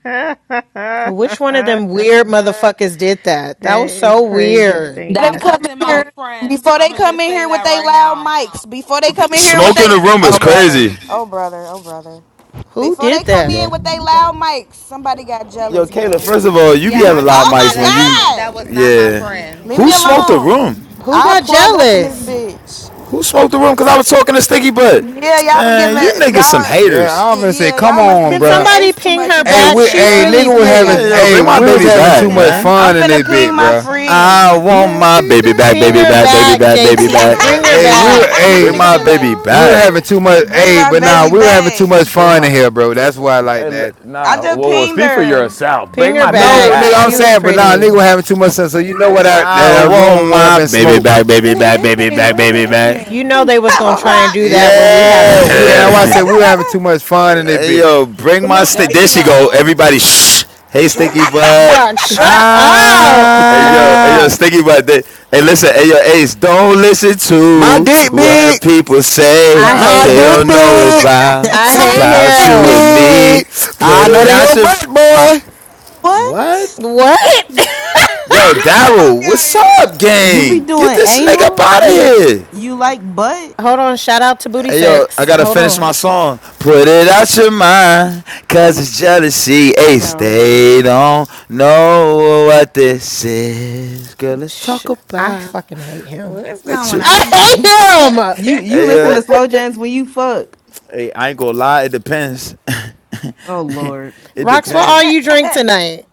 that Which one of them weird motherfuckers did that? That was is so crazy, weird. Before That Stinky. they wasn't come in my here, friend. before they I'm gonna come just in say here with that they right loud now. mics, before they come in here with Smoke they, in the room is oh brother, crazy. oh brother, oh brother, Who before they did come that? in Bro, with they loud mics, somebody got Yo, jealous, Kayla, man. first of all, you be Yeah, I having just loud Oh want to say mics my that when you, wasn't that god, was not my yeah. friend. leave Who me smoked the alone. room? Who I'll got plug up in this jealous? bitch. Who smoked the room? Because I was talking to Sticky Butt. Yeah, y'all was Man, giving you niggas some y'all, Yeah, haters. I was gonna say, yeah, come y'all must have on, Can been giving bruh. somebody Ace too ping much her Hey, back? we, attention, She's hey, bro. really nigga was Somebody having, Yeah, got pretty. yo, hey, bring my She we jealous. was baby come she having too back, coming much back. man. I'm fun in this finna ping bit, my bruh. friend, I want my Nasty baby back, Ping baby her back, dancer, baby back, back, dancing baby for JT. back. Yeah, Bring her money. hey, we were, back. Do She Bring she what hey, my coming you back. baby want we were back. having too it. much, bring hey, my but nah, baby we were having too back. much Bring fun in my, here, bro. That's why I like hey, that. I nah, just whoa, whoa, pinged speak for her. yourself. Ping Bring her my baby No, back. nigga, back. I I'm She just was saying, but pinged her. nah, nigga pretty. was having too much fun. So you know what? I, I that our want room went up my in baby smoke. back, baby What back, baby happened? back, What baby back. You happened? know they was gonna try and do Rocks. What that when we happened? having Yeah, too we. much That's why I said fun. we were having too much fun in this Hey bit. yo, bring Come my on, There steak. There she Ace. she go. go. Everybody, shh. Hey, What Shut Stinky happened? Butt. Rock, shut up. Hey yo, hey yo, Ah. Stinky Butt. They, hey, listen, hey yo, Ace. Don't listen My to dick what big. people say. I Bruh. My hate They dick don't him. know big. about I hate My about dick you him. and me. big. Put I it nut in out your your butt, boy. what? what? What? Yo, Get the fuck Daryl, out of what's here. up, You be gang? Get doing this nigga up anal? out of You here. you like butt? Hold on, shout out to Booty Hey yo, I Sex. gotta Hold finish on. my song. Put it out your mind, cause it's jealousy. Ace, Yo. they don't know what this is. Girl, let's Sh- talk I about fucking hate him. What's what you. going I F- hate on? him. You you hey listen to yo, slow jams when you fuck? hey, I ain't gonna lie, it depends. Oh lord. it He Rocks, took- what all depends. you drink tonight?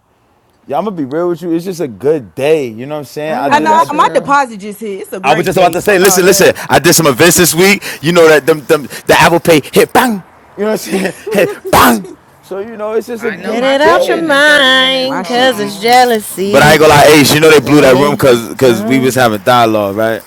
Yeah, I'm gonna be real with you. It's just a good day. You know what I'm saying? I I I know know did. I, I that's my real. deposit just hit. It's a I was great just about day. to say, Fuck all listen, that. listen. I did some events this week. You know that them, them the Apple Pay hit bang. You know what I'm saying? Hit bang. So you know, it's just a I know Get good my it shit out your hitting day. in 30 minutes. my mind, Hold shit cause it's just on. hit. But I ain't jealousy. gonna lie, Ace. You know they blew that room They cause cause we was don't. having dialogue, right?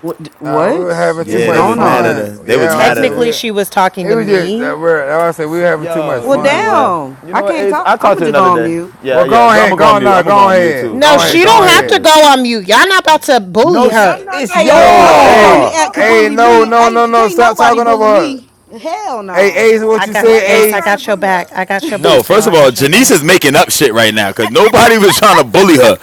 What Nah, we were what having yeah, too is Yeah, they they much was got going mad at on? fun. us. jealous. They was Yeah, I mad at said us. we. Technically, she was talking It to was just uh, me. we like I said, we were having too much Yo, Well, you know fun, bro. what? damn. You I know what, can't Ace? talk. I'll I'm talk gonna to you just go another on day. mute. Yeah, Well, yeah. go But I'm ahead, gonna go go on on, mute. no, I'm gonna go go on mute ahead, too, No, go cause ahead, this she is go don't have ahead. to go ridiculous. on mute. Y'all not about to bully No, sh- Y'all her. not it's Hey gonna bully yo, my no No, friend. bitch What on the the hey, y'all. app fuck could wrong hey, bully with no, me. y'all? no, no, Ain't no, can't stop nobody talking over bully her. me. Hell Hey, nah. Ace, what I you got Why is say, y'all Ace. I trying Ace? to got your bully her? back. I got your No, back, girl. first of I all, got your Janice is back. making up shit right now because nobody was trying to bully her.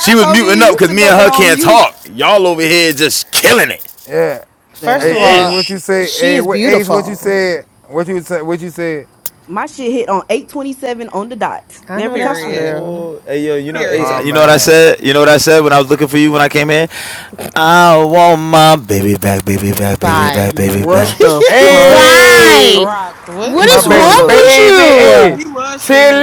She was Cody, muting up you because sit me and up there her on can't mute. talk. Y'all over here just killing it. Yeah, First of Damn. hey, Ace, Mm. all, what you say? she Hey, is what, Ace, what you beautiful. said? What you said? What you said? My shit hit on 827 on the dot I know every that's time. Period. real. Oh, hey yo, you What know up, Ace, Oh bitch? Period. you know what I man, said? You know what I said when I was looking for you when I came in? I want my baby back, baby back, baby back, Bye. Thank baby What back. you. the fuck Bye. hey, Rocks, What what is my you is baby, going wrong on? on? with baby, you? hey, He was singing that.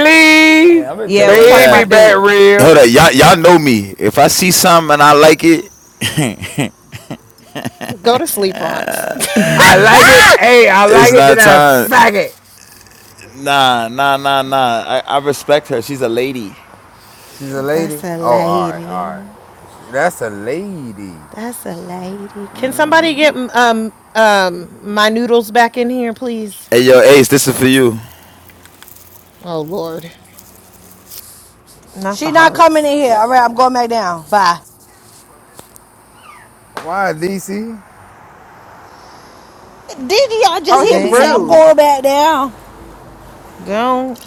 Hey, I'm gonna tell Yeah, you we right talking baby, now. about back them. Hold real. up, y'all, y'all know me. If I see something and I like it, Go to sleep, rocks. I like it, hey, I it's like it, then not I time. fag it. Nah, nah, nah, nah. I, I respect her. She's a lady. She's a lady? That's a Oh, all right, all right. lady. That's a lady. That's a lady. Can somebody get um um my noodles back in here, please? Hey yo, Ace, this is for you. Oh Lord, not the She not coming hearts. in here. All right, I'm going back down. Bye. Why, DC? Did y'all just Oh, hear he's me say I'm They rude. going back down? don't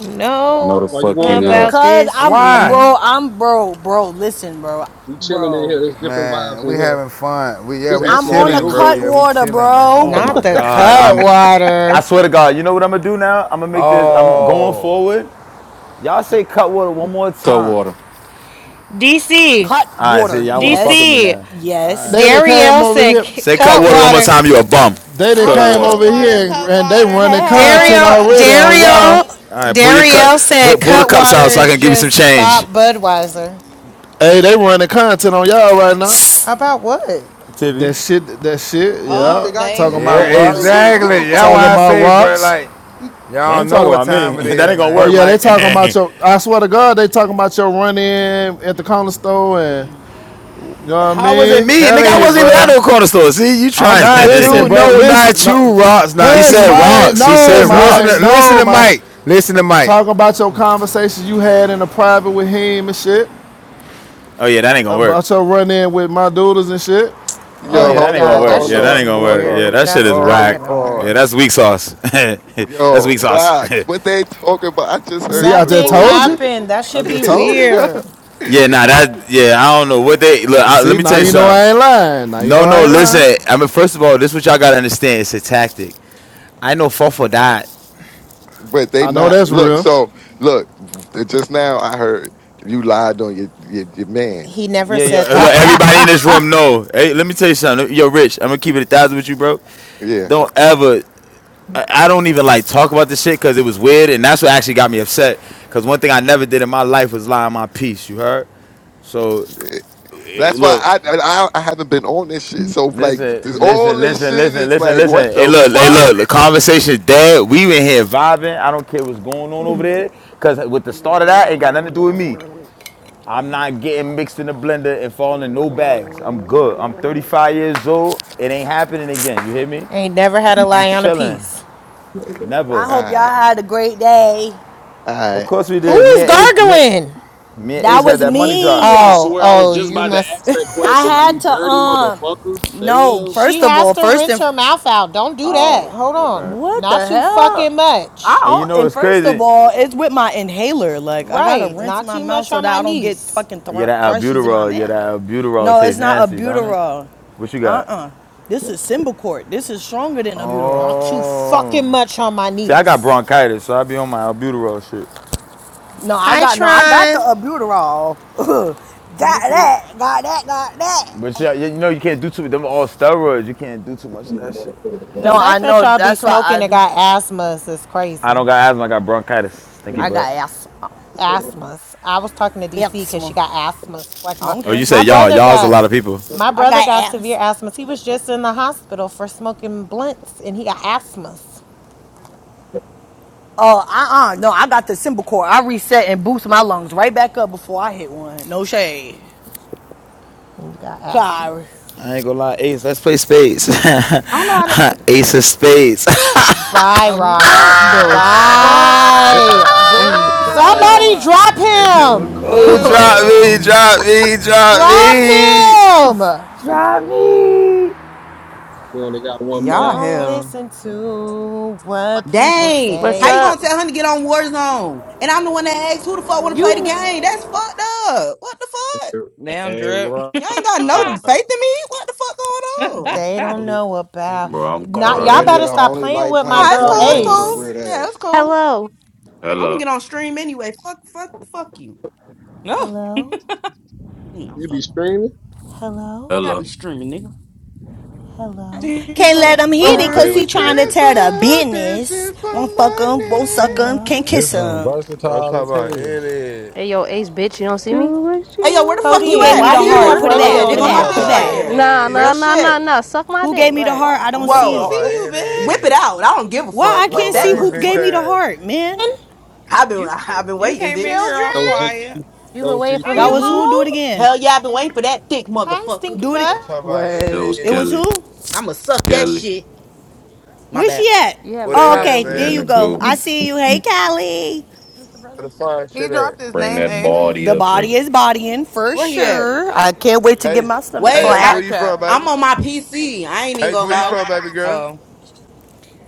No, Why the know why you fuck you going down? not. about Cause this I'm Why? bro, here. I'm bro, bro. Listen, bro, We chilling in here. bro. There's different vibes Man, we in here. having fun. We yeah, This is we I'm actually one of on a chilling, your bro. cut Yeah, we rooms. water, chilling, man. bro. Oh my Not the God, I'm I Cutwater. swear to God, you know what I'm gonna do now? I'm gonna make this. I'm going Oh. forward. Y'all say Cutwater one more Cut time. water. DC, Cut All right, see, water. y'all wanna fuck Yes, with me DC. now. yes. They that came Darielle over said here, c- Say Cutwater one more Cutwater. time. You a bum. they that Hold Cut came on. water. Cut over water, here and, cut and they Hey, water, running cut content Dario, water, already All cut on right, y'all. Dario, water. all right. Pull your cup. Dario Pull, said pull the cups out Cutwater so I is can give you some just change. thought Budweiser. Hey, they running content on y'all right hey. now. About what? Tibby, That shit, that shit, Bro, you Oh, yeah. think I give they Talking you, you, Yeah, about you started a think rocks, nigga give a exactly. That's fuck? room. talking why I about say, bro, rocks. like, You, they y'all ain't know talking what about me. time it that is, ain't gonna Oh work, man. yeah, they Mike. talking about your. I swear to God, they talking about your run in at the corner store and you know what I How was it I'm mean. me, nigga? I telling you, wasn't even at bro. no corner store. See, you I'm trying? Not listen, you, bro. no, Listen, not you, no, Ross, he not hush, said you. man. rocks. He said No, Just listen to man. rocks. listen No, to man. Mike. Listen to Mike. Talking about your conversations you had in the private with him and shit. Oh yeah, that ain't gonna work. About your run in with my doodles and shit. Oh Oh Yo, What? yeah, my that hold ain't gonna God, on, that work. hold Yeah, shit that is ain't on, gonna hold work. Yeah, on, weird. that shit That's is not whack. hold gonna Yeah, on. work. that's weak sauce. that's Yo, weak sauce. rocks, what they talking about? I just See, heard I some just Nothing told you. bullshit. happened. That I should be just told you. weird. yeah, nah, that. Yeah, I don't know what they look. I, let See, me now tell you you know I something. ain't lying. Now you No, know I no, ain't lying. listen. I mean, first of all, this what y'all gotta understand. It's a tactic. I know Fofo died. but they I know not that's look. real. So look, just now I heard you lied on your your, your man. He never Yeah, yeah. said uh, Look, that. everybody in this room know. Hey, let me tell you something. Yo, Rich, I'm gonna keep it a thousand with you, bro. Yeah, Don't ever. I, I don't even like talk about this shit because it was weird, and that's what actually got me upset. Because one thing I never did in my life was lie on my piece. You heard? So eh, eh, that's why look, I, I I haven't been on this shit. So like Listen, this, all listen, this listen, shit listen, is listen, like, listen. what Hey, the look, hey, fuck? look. The conversation's dead. We in here vibing. I don't care what's going on over there. Cause with the start of that, it ain't got nothing to do with me. I'm not getting mixed in the blender and falling in no bags. I'm good. I'm 35 years old. It ain't happening again. You hear me? Ain't never had a I'm lie on a chilling. piece. I Never. All hope y'all right, had a great day. all Of right. course we Who did. Me is and Ace, me, gargling? me and That Ace had was that money drop. me. I I Oh, swear I was oh, just you about to must. ask that question. Like, had you to dirty um motherfucker. The no, hell? She first of has all, to first rinse and her mouth out. Don't do that. Oh, Hold okay. on. What Not the too hell? fucking I much. And you don't, know and it's first of crazy. all, it's with my inhaler. Like I gotta Right. rinse Not my too mouth much so on that my I don't get niece. fucking thr Yeah, that crushes in my albuterol. Yeah, that mouth. albuterol No, it's tastes not nasty, don't it? albuterol. What you Uh got? uh This is Symbicort. This is stronger than albuterol. Not too Oh. fucking much on my See, I got niece. bronchitis, so I be on my albuterol shit. No, I Hi, got no, I got the Tron. albuterol. got that. Got that. Got But that. yeah, yeah, you know you can't do too. much. Them all steroids. You can't do too much of that shit. The No, I fact that know. y'all be That's what I smoking and do. got asthmas is I don't crazy. got asthma, I got bronchitis. Stinky I butt. got asthma. Asthmas. I was talking to DC because she Asthma. got asthmas. Like I my don't Oh, you care. say my y'all. you brother all is a got lot of people. my I brother got got asthma. severe asthmas. He was just in the hospital for smoking blunts, and he got asthmas. Oh, uh, uh, no, I got the cymbal cord. I reset and boost my lungs right back up before I hit one. No shade. And you got Sorry. asthmas. I ain't gonna lie, Ace. Let's play spades. I don't know how to. Ace of spades. Bye, Oh What rocks. the God, bro. fuck? you Bye. That is- Somebody Boo! drop shit was him. Oh, corny, son. drop me, Ooh, drop me, Drop drop me. him. drop me. only got one Y'all mind. Don't hell. listen to what people Dang. What's How you say up? gonna tell him to get on Warzone? And I'm the one that asks who the fuck wanna You play the kn- game. That's fucked up. What the fuck? damn Hey, drip. Ross, Y'all ain't got no faith in me. What the fuck going on? they don't know about. Bro, I'm by Not bro, y'all that crying. better nigga yourself. stop only playing like with my playing Nah, What it's you girl cool. It's Fortnite doing, with his cool. brother? Ace. weird Yeah, ass. it's cool. Hello. I'm gonna Hello. get on stream anyway. Fuck, fuck, fuck you. no, Hello? You know, You fuck. be streaming? Hello? You gotta be Hello. streaming, nigga. Hello? She's can't a let him I hit see, it Ugh. baby, because we he dirty take trying that to picture. tear the dancer, business. dancing for Won't fuck him, won't money. suck him, can't Hello? This kiss room him. I'm versatile talking as about hell. in it. Hey, yo, ace bitch, you don't see me? Do what you Hey, yo, where the fuck Who you Codeine, gave at? me why I the do hear you heart? have you. where Put it Oh yeah, back, Mo? they put Reginald it I'm go want me in my your talking back, put bitch it about right back. in picture? there. Mo, Nah, nah, Real it. nah, shit. nah, nah. Suck my Who gave dick. me the Word. heart? I don't we I'm Whoa, talking ain't see see uh, it. about whoa. you, in whip bitch. it it. out. I don't give a Why fuck. I Slow Whip can't that see lane, who bitch gave me motherfucker. the ass. heart, man? I've been, You I've been you waiting, came in here bitch. all That was Children? quiet. JT. You That been was waiting for Are That JT. who? you was Me? who? Do it home? again. Hell yeah, I've been waiting for that thick Hi, motherfucker. Stinky Do it. Butt. I'm talking about in It Word. was It it. was Kelly. who? I'ma suck that Kelly. shit. My Where's bad. she at? You have Where a Oh, they at, okay. problem. She There in man? you the go. Hi, goo. I my see Stinky you. Hey, Butt. Callie. Where's your brother? Where the fine He shit at? dropped his Bring name that Where's Ace your body The up here. body is bodying for Where he at? sure. I can't wait to get Ace, my stomach in hey, the Wait, Ace, I, flat. where side you chat. from, baby? I'm on my PC. I ain't even Ace, gonna where you lie. from, baby girl? Oh,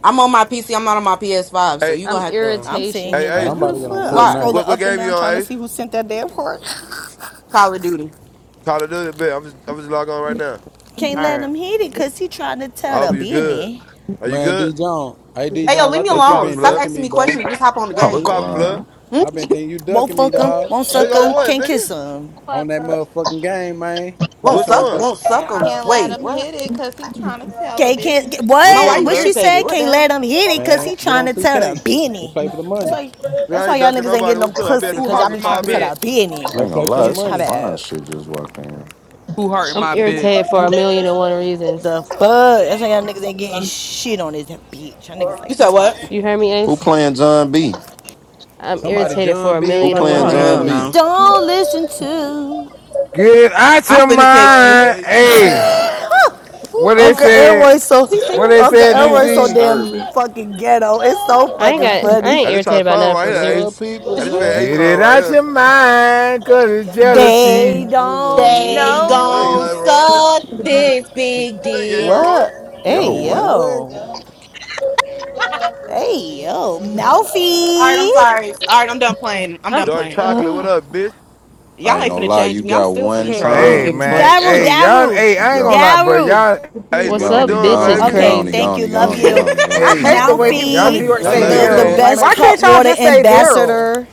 I'm on my PC. I'm not on my PS5. So Hey, you I'm gonna have to. I'm sitting irritation. here hey, Man, like, Ace, I'm who about the to get on fuck? what, I'm Why? Fortnite. scrolling what up and game you down trying on, to Ace? see who sent that damn part. Call of Duty. Call of Duty, bit. I'm just, I'm just logging on right now. Can't All let right. him hit it because he trying to tell I the hope you good. business. Are you Man, good? D Jones. Hey D Hey, yo, Jones, I leave me What's think you alone. poppin', been Stop blood? ducking asking me, me boy. questions. Just hop on the I'm What's game. poppin', blood? crying. Hmm? i been thinking you Won't ducking me, fuck him, dog. won't Nigga suck on him, what, can't nigga? kiss him. On I'm that motherfucking game, man. I'm Won't Which trying suck. to one? play Won't suck them. can't let Wait, him what? hit it cause he trying to tell the Can't, business. can't, Which Mo, why what? one, you What blood? she irritated? said? What the Can't hell? let him hit it because man, he get trying on to tell the 2K. Let's business. play for the That's money. why, that's I why ain't y'all ducking niggas ain't nobody. getting no What's up? I'll be at pussy the Who because pause y'all in hurting be my trying five to minutes. tell the bitch? business. I ain't Let's gonna play for What lie. the you That's some talking money. fine about? shit just walked in. Who hurting my bitch? irritated for a million and one reasons. The fuck? That's why y'all niggas ain't getting shit on this bitch. Y'all niggas like You said what? toxic. on You it. hear me, Who Ace? playing John B? I'm Somebody irritated for John a Who being million and like a one playing Oh, John hell B? motherfucker. no. reasons. Don't listen to. Get it out I'm your finna text What you. Is mind. Ace Hey, say? what they Uncle said. Elroy so he What singing? they Uncle said, That was Elroy so DC? damn disturbing. fucking ghetto. It's so I ain't fucking got I funny. ain't Now, this irritated our about song nothing right for here, Ace. What serious. people Now, this been Ace Get say, song it right out here. your mind, cause it's They jealousy. you and don't They me. Sing it, gon' know. Elroy. suck this big Sing it, dick. Elroy. What? Hey Yo, Man, what? what? yo. Hey yo, All right, Melfi, I'm sorry. All right, I'm done playing. I'm done I'm Dark playing. chocolate, what ugh. up, bitch? I Y'all ain't ain't gonna finna lie. change You me. I'm got still finna one Hey, troll. I don't Hey, time. give a DC. man. You Daru, got, Hey, y'all. Daru, Hey, you I ain't got gonna one. lie, bro. Daru. Y'all. Ace, He What's what you gone, up, he doing, bitch gone, is he baby? Okay, gone, he thank crazy. gone, you, he love gone, fuck. he you, gone, he I gone, he Hey, hate gone, the he gone, he way gone, he people pronounce y'all gone, Melfi, need he to gone. I love Damn, the chill, you, the Kenny Daryl. bro. Ace. ain't Like, best why making. can't y'all Cutwater just say? Da- ambassador,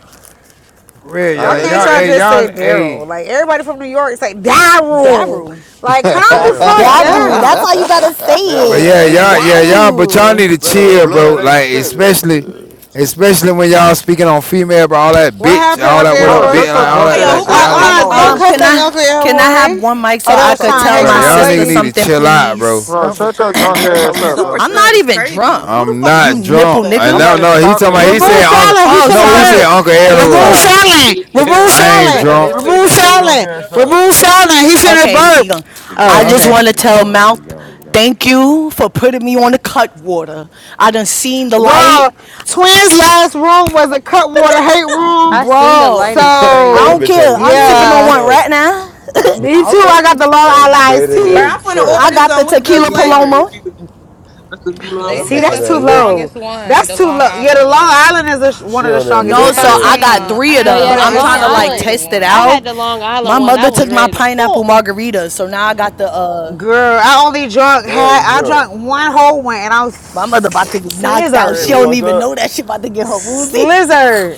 For Real, I Why y'all. love can't you, Y'all. y'all Hey, Ace. just say y'all. Daryl? Hey. Like, everybody from New York say Daryl. Daru. Like, calm the Oh Damn, nigga. fuck shit. All right. Daru. oh That's down. how you gotta They But on yeah, say it. y'all. BD. Yeah, y'all. But y'all Daru. need to Man on chill, bro. blood, they Like, tripping. shit, especially, man. especially when y'all speaking on female, bro. All that What bitch. happened, All Uncle that what That's up, Bro, how Elroy? we bitch. shut your Like all talk, drunk Hey, that. yo, nigga. Like, who ass bro. up, called Y'all bro. nigga. somebody I'm Uh, uh, a out here don't Um, that bitch? cuss can shit. at I Uncle can I have Elroy. one mic so I That's how could we tell bro. my talk, Y'all nigga. sister nigga need to something, chill out, bro. please? Bro, Not for shut your Texas, drunk nigga. That's how A ass we up, super bro. talk, I'm nigga. stud not is even crazy. drunk. Who the I'm fuck is a You not super nipple drunk. I stud? I'm nigga. no not even no. He talking talking to about. you, He said Remove girl. Uncle. Fallon. He Oh, finna No, he said sorry. burp. Uncle Remove Elroy. Oh, Fallon. Remove Damn, I Uncle, is ain't Fallon. that how Okay, they drunk. Elroy, say Remove shut your hello to drunk Fallon. you, dog? ass up. Remove Fallon. He finna okay, burp. Dion. He I Oh, gone, okay. just twin. wanna He tell gone. He Mouth gone. He gone. thank you for putting me on the cut water. I done seen the light. Well, Twins' last room was a Cutwater hate room. I seen the Bro, light is I That So don't crazy. bitch on care. them I'm yeah, sipping shrooms or on one something. right now. Me I too. don't I care. got the Long Island Um, iced baby, Bro, tea. they I'm finna trim. I order got the some with That's the good tequila new Lime flavor. paloma. Marita. That's the new Oh, Lime They that See, Marita. said bitch on that's that's that too the liquor. low. strongest one, That's the too Long low. Yeah, the Island Long one. Island is a, one She of the on that strongest. I It's No, lick so had the lick. I thirteen. got uh, I three of No, had the them. yeah, that I'm lime trying Long to like Island margarita test it I one. out. had the Long Island My one. I mother was took my ready to pineapple fuck. margarita, so now I got the uh Girl, I only drunk Damn, had you I drunk. drank one whole one, and I was my mother about to be knocked out. She You don't fucked even know up? that she about to get her woozy. slizzard,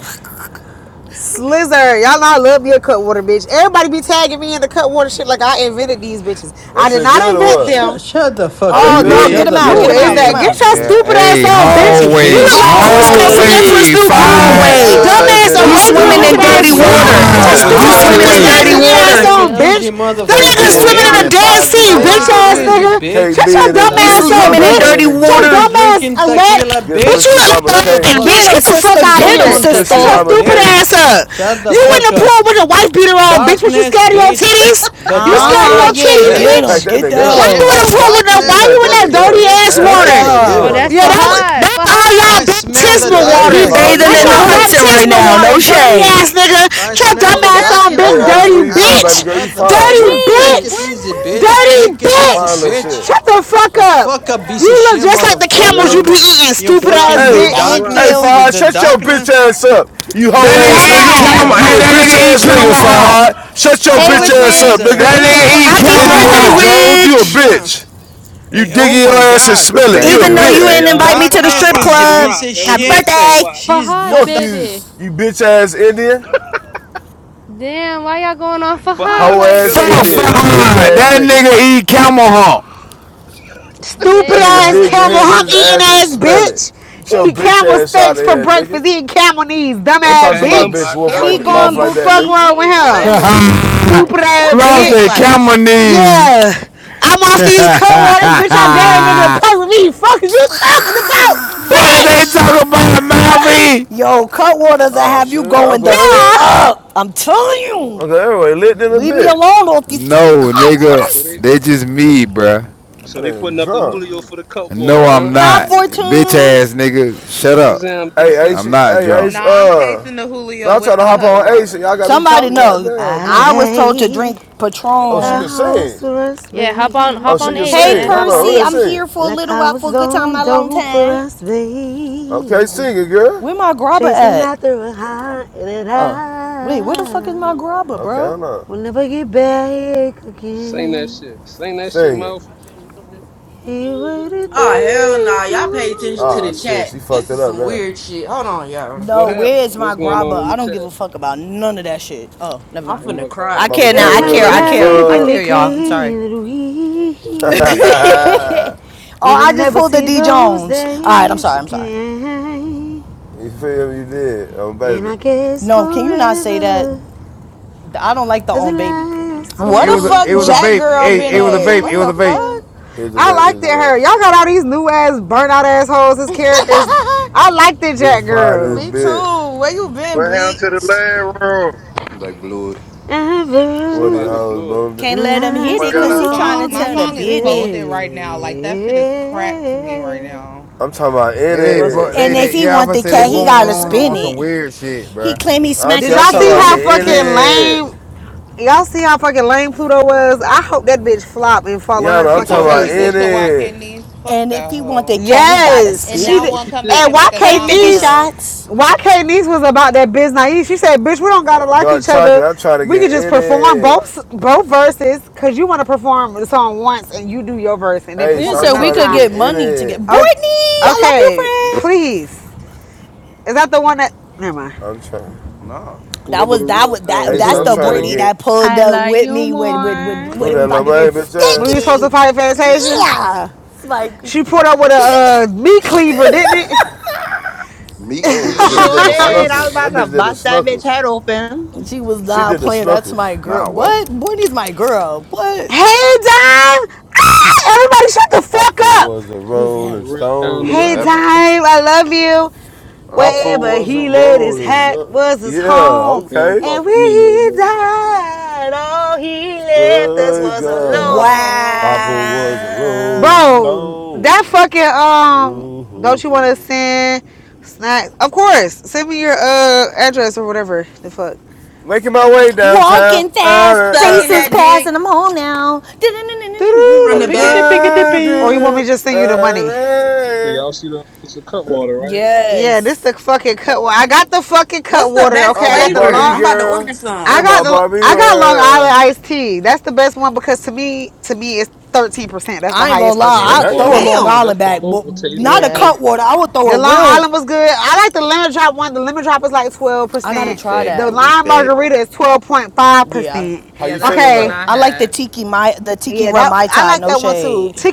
slizzard. Y'all know I love me a cutwater, bitch. Everybody be tagging me in the cutwater shit like I invented these bitches. That I did shit not good Sh- or invent what? Shut, them. shut the Are fuck they up, You Oh bitch. no, good? get Shut did. him the out, Yes, get you him fuck Is out, up, get him that did. piece of get out. your shit. Yeah. stupid ass Hey, You on, fuck your bitch? You Get hallway, look bitch, like piece of Cusco shit. hallway. hallway, from My Fahad, Groove, Hallway. girl Yeah, stays in this You take No, it no. Arabian swimming easy, I'm looking in gonna bitch. ass. let dirty bitch. twin Take fire water. Oh him it My no, Fahad, up easy, sister that's You for piece stays of first. Hyde, in swimming in Hey this y'all. Pakistan hallway. dirty shit. yo, That's for what bitch. Hyde. water. the Take it hell? easy, That KB I'm nigga motherfucker, in Why letting this swimming in y'all a bitch. twin bitch. dead fire his jumping sea, for bitch Take bitch ass it up ass hot? easy, nigga. first. KB bitch. Shut your in this dumb You Take ass bitch. it up, swimming Mama in bitch. easy. K in dirty this You water. bitch. drinking Let tequila, Good bitch you pussy, bitch? look like Mama a Shut the K. lion, fuck Get bitch. him, Get up. the fuck sister. You out of don't Get him, here. Good own pussy, sister. tequila, Mama Stupid K. bitch. ass up. Shut the You in fuck the up. pool with a wife beater on, bitch. What you Darkness, scared of your bitch. titties? The You dark scared of Ah, your of yeah, titties? Damn, shit. she get packed him. that Get The nigga Why shit you up. in the of down. pool with no She why darkness. you packed in that that Fuck you, dirty nigga up. ass bitch. Get Piece Damn, the of Ace water? look shit, Oh, hoe. good. that's motherfucker. Fahad. That's all y'all Fahad. I smell That the baptismal girl Ace He water. darkness fine of than a bathing That's your in the y'all motherfucker. Hudson ass. right Piece now. of No water. shit. shade. I Get your smell Who dumb the ass on, yelling? darkness Hey, big of Ace, Hold up. your dirty where you from, baby ass. bitch. Fuck. girl? You Shut the fine, fuck girl. Dirty up. Take Wait, bitch. it where easy, in bitch. mine? Dirty Take You it some easy, fine bitch! little bitch. shit. Shut the fuck A up! fuck up, piece of You look shit, just like the Hey, Let camels 'em you motherfucker. be rock. eating, You Let stupid ass fucking the Hey, 'em bitch! Thank rock. hey, darkness. you. You're Fahad, the shut your bitch darkness. ass up, you That I hoe ass Dumb was nigga eat nigga. nice to camel. Hey, You ass! a her. that Shut bitch the nigga eat ass fuck nigga, camel up. hump. Fahad. Shut your I Hey, bitch was Rich ass nice up, Rich. there. nigga. That Who the nigga fuck eat is Happy camel that? birthday, Indiana hump. Who the Jones, fuck you a is Rich. that? bitch. You Eh, dig oh in your my ass and god. smell it. Thank You a Even you, though you Say bitch. didn't thank y'all you. invite let me for to the high Darkness strip rock, is let your him club. piece rock, of let him Happy do shit. his thing. birthday. Watch She's Fahad not Fuck you, baby. you bitch ass Indian. Damn, why y'all going off a for high high Hoe be like ass killing Fuck them that? though. Indian, Y'all you should bitch let him Fahad. ass That rock. nigga. nigga eat camel Stupid That nigga ass dig Damn. the camel hands in hump his eating ass and ass smell it. bitch! Get your He eat bitch camel ass out steaks of for here, nigga. breakfast, eating camel knees, dumb Don't He ass talk to packed my He bitch bitch! somebody wolf the other like Camel he that, day, mouth gone, like knees. that, Fuck nigga. Bookie. wrong with Eating What? hump. him? camel knees is Stupid nuts. ass What that Ross tastes said like? camel bitch! knees. Yeah! I'm off Fuck these cut waters, bitch! I dare a nigga to puzzle me! Fuck is you talking about, is bitch! they talking about, Malvy? Yo, Cutwaters, I Oh have you shoot, going Uncle the fuck Duh! Elroy? up. I'm telling you. Uncle Elroy lit in a Leave me bitch. alone off these fucking No, nigga, so Cutwaters. they they just me, bruh. so That they putting nigga up the drunk. Julio for the cup No, water, I'm huh? High not. Bitch Fortune. ass nigga, shut up. What's up, Hey DC? Ace, I'm not hey drunk. Ace, Nah, I'm uh, chasing the Julio man, I'm trying with to the hop on Ace and y'all Cutwater. got me Somebody talking. knows. Goddamn, I blood. was told to Hey, drink Oh, she Patron. can how's sing. us, Yeah, hop on Oh, hop she on can baby? Ace, Hey man. sing. Hold Hop on, on who Percy, that I'm Ace. singing? here for a little while for a good time, not a long for time. us Okay, singing girl. Where my grabber chasing at? it Oh, wait, high. where the fuck is We my grabber, Okay, bro? hold on, get back Sing that again. shit. Sing that shit, singing. mouth. He waited Oh hell three nah. Y'all pay long attention to the Oh years. shit, chat. she This fucked it is up some weird now. shit. Hold on, y'all. What No, where happened? is my What's going grabber? on in the I don't chat? give a fuck about none of that shit. Oh, never I'm mind. Oh finna my God, cry. I what is Mama care now. Every K, going I we don't kind care. of let on? I me Hot care. she I fuck. care, juicy, y'all. I'm pink pain sorry. goof. we Oh, will I just never pulled the see D Jones. All right, I'm us sorry. I'm sorry. again. you feel me? You did. Oh baby. And I guess No, can you not forever say that? I don't like the own doesn't last baby. for What It the was long fuck, a, it was a forever. Jack vape. girl Hey, been I, it was a at? vape. It What was a the vape. fuck? here's the I vape. Here's liked it, the her. Y'all vape. got all these new ass, burnout assholes as characters. I liked it, Loose Jack pie in this Girl. Me bitch. too. Where you been, What happened to the bitch? leg room? They blew it. One of these Somebody Ever. hoes blew it. boomed it. Can't let him Oh hit Last my You it know because to my god. he trying song? to My tell the song last is business. day. folded right now. Like that shit is crap to me right now. I'm talking about in Hey, they, What's it. crazy? they, And if they he yeah, I'm want gonna the say they cat, Oh, he he born gotta just said wrong spin on that. some it. weird shit, He bruh. claimed he smacked Auntie, Did his I'm y'all talking shit. see about No, how he getting in fucking didn't. it. lame? Y'all see how fucking lame Pluto was? I hope that bitch flop and fall on her Yana, I'm You What, fucking talking what saw what about she happened? face. What did in she to do? YK it. Nice? Fuck And if that he want that hoe. cat, he gotta Yes, And spin she now did. What one she it. come back And did? and why make a Hey, can't song with 50 niece? her. shots. Why can't niece was about that biz naive? She said, "Bitch, we don't gotta like Dark each chocolate, other. I'm trying to We get could just in perform it. both both verses. Cause you want to perform the song once and you do your verse and then Ace, You perform it I'm said we another trying to could time. get get in money to get it. Brittany. I Okay, love you, friend. is that the one that? Never mind. I'm trying. Nah. Well, they That go the was that real was Don. that. What's Ace, That's I'm up, the trying to Brittany Don? get. that pulled I up love with you me when when when, more. Who when it was that about little to man get bitch When at? we was supposed to sticky. fight Fantasia, Yeah, it's like she pulled up with a uh, meat cleaver, didn't it? Meat Oh, that cleaver bitch Sure is did the did. I crazy. was snuckles. That about to bitch did the bust that bitch snuckles. head open. she was She not did the playing. That's snuckles. my girl. Nah, what? What? Brittany's my girl. What? Hey, Dime! Ah! Everybody shut the fuck Papa up! was a Who's that? The rolling real Don in the What Hey, stone. Dime, building. happened? I love you. Oh. Papa Wherever was a he laid his rolling hat gun. was his Yeah, home. They don't okay. fuck And when with me no he more. died, all he left us My was God, alone. Papa was a rolling Wow. Bro, that stone. fucking, Ooh, um, don't you want to send snacks? Of course, send me your, uh, address or whatever the fuck. Making my way downtown. Walking fast, Uh, uh, Sucking faces uh, that passing, dick I'm home now. from A the Doo-doo-doo. pickety back. pickety uh, Or you pig. want me to just uh, send you the money? So uh. y'all see the place of Cutwater, right? Yeah, this thing Yes. cut. wa- I got the fucking cut What's the water. best Okay, I'm I a got the flavor? Barbie long. I'm about to order girl I in some. got my the. Barbie I got Long Island world. iced tea. That's the best one because to me, to me, it's thirteen percent. That's the I ain't gonna highest lie, Yeah, that's percentage. I'll for throw a Damn. Long local. Damn. That's Island for back, but local taste not right a there. Long cut water. I would throw a real. Island. I like the lemon drop one. The lemon drop is like twelve I The gotta percent. whip try back, The the that. whip lime back. margarita is twelve point five Yeah. percent. How Yeah, you that's the feeling one Okay. up? I I like the had. tiki my the tiki Yeah, rum that mai I tai, like that. no shade.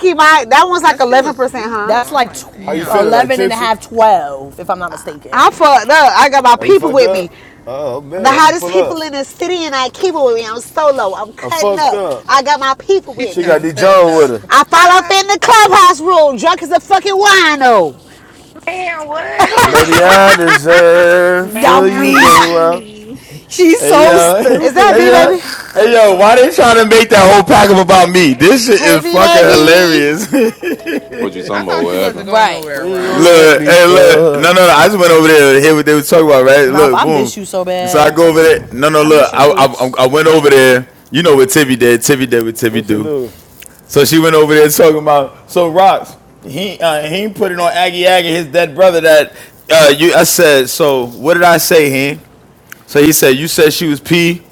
that one's like That shit eleven was percent, sweet huh? though. That's I'm like like, tw- How you feeling? damn. Like 11 and a tipsy? half, twelve, if I'm not mistaken. I'm fucked up. I got my Are you people fucked with me. up? Oh the man, I'm gonna hottest pull up. people in the city and I keep it with me. I'm solo. I'm I'm cutting fucked up. up. I got my people She with She said me. got I'm D cutting John with up. her. I follow up in the clubhouse rule. Drunk as a fucking wino. Man, what? I'm Maybe crying. I deserve now for I'm Mel you thinks go weak. she out. me. She's Hey so Now yo, she thinks she hey stupid. Hey, yo, baby. me. hey yo! Why they trying to make that whole pack up hey about me? This shit Hey, is fucking baby. Mel hilarious. What you talking I about? thought What you happened? wasn't going Right. When nowhere, you gonna Rox. let Look, me hey, look. fuck? No, no, no. I just went over there to hear what they was talking about, right? Mouth, Look, I boom. miss you so So I bad. go over there. No, no, I look. miss you I, I, too. i went over there. You know what Tivy did. Tivy did what Tivy What you do. do? So she went over there talking about, so Rocks, he uh, he put it on Aggie Aggie, his dead brother that, uh, you. I said, so what did I say, he? So he said, you said she was P.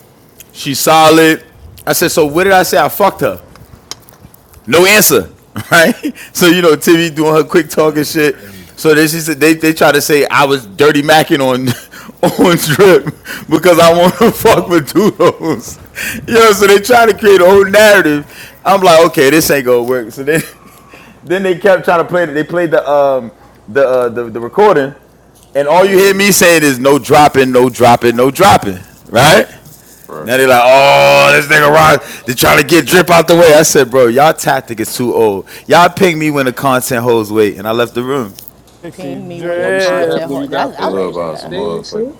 She solid. I said, so what did I say? I fucked her no answer, right? So you know, Timmy doing her quick Don, talking you shit. crazy. So they she said they they try to say I was dirty macking on on drip because I want to fuck with doodles. You know, so they try to create a whole narrative. I'm like, okay, this ain't gonna work. So then then they kept trying to play it. They played the um the uh, the, the recording, and all you Yeah. hear me saying is no dropping, no dropping, no dropping, right? Right. Now they're like, oh, this nigga rock. They're trying to get drip out the way. I said, bro, y'all tactic is too old. Y'all ping me when the content holds weight, and I left the room. Sexy Ping me when Well, the you see what happened content. when dress. Ho- you got that's I back? You Love like see by the some that. stage, motherfucker. sir?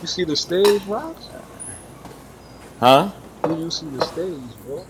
You see the stage, Rock? Huh? Do you see the stage, boy?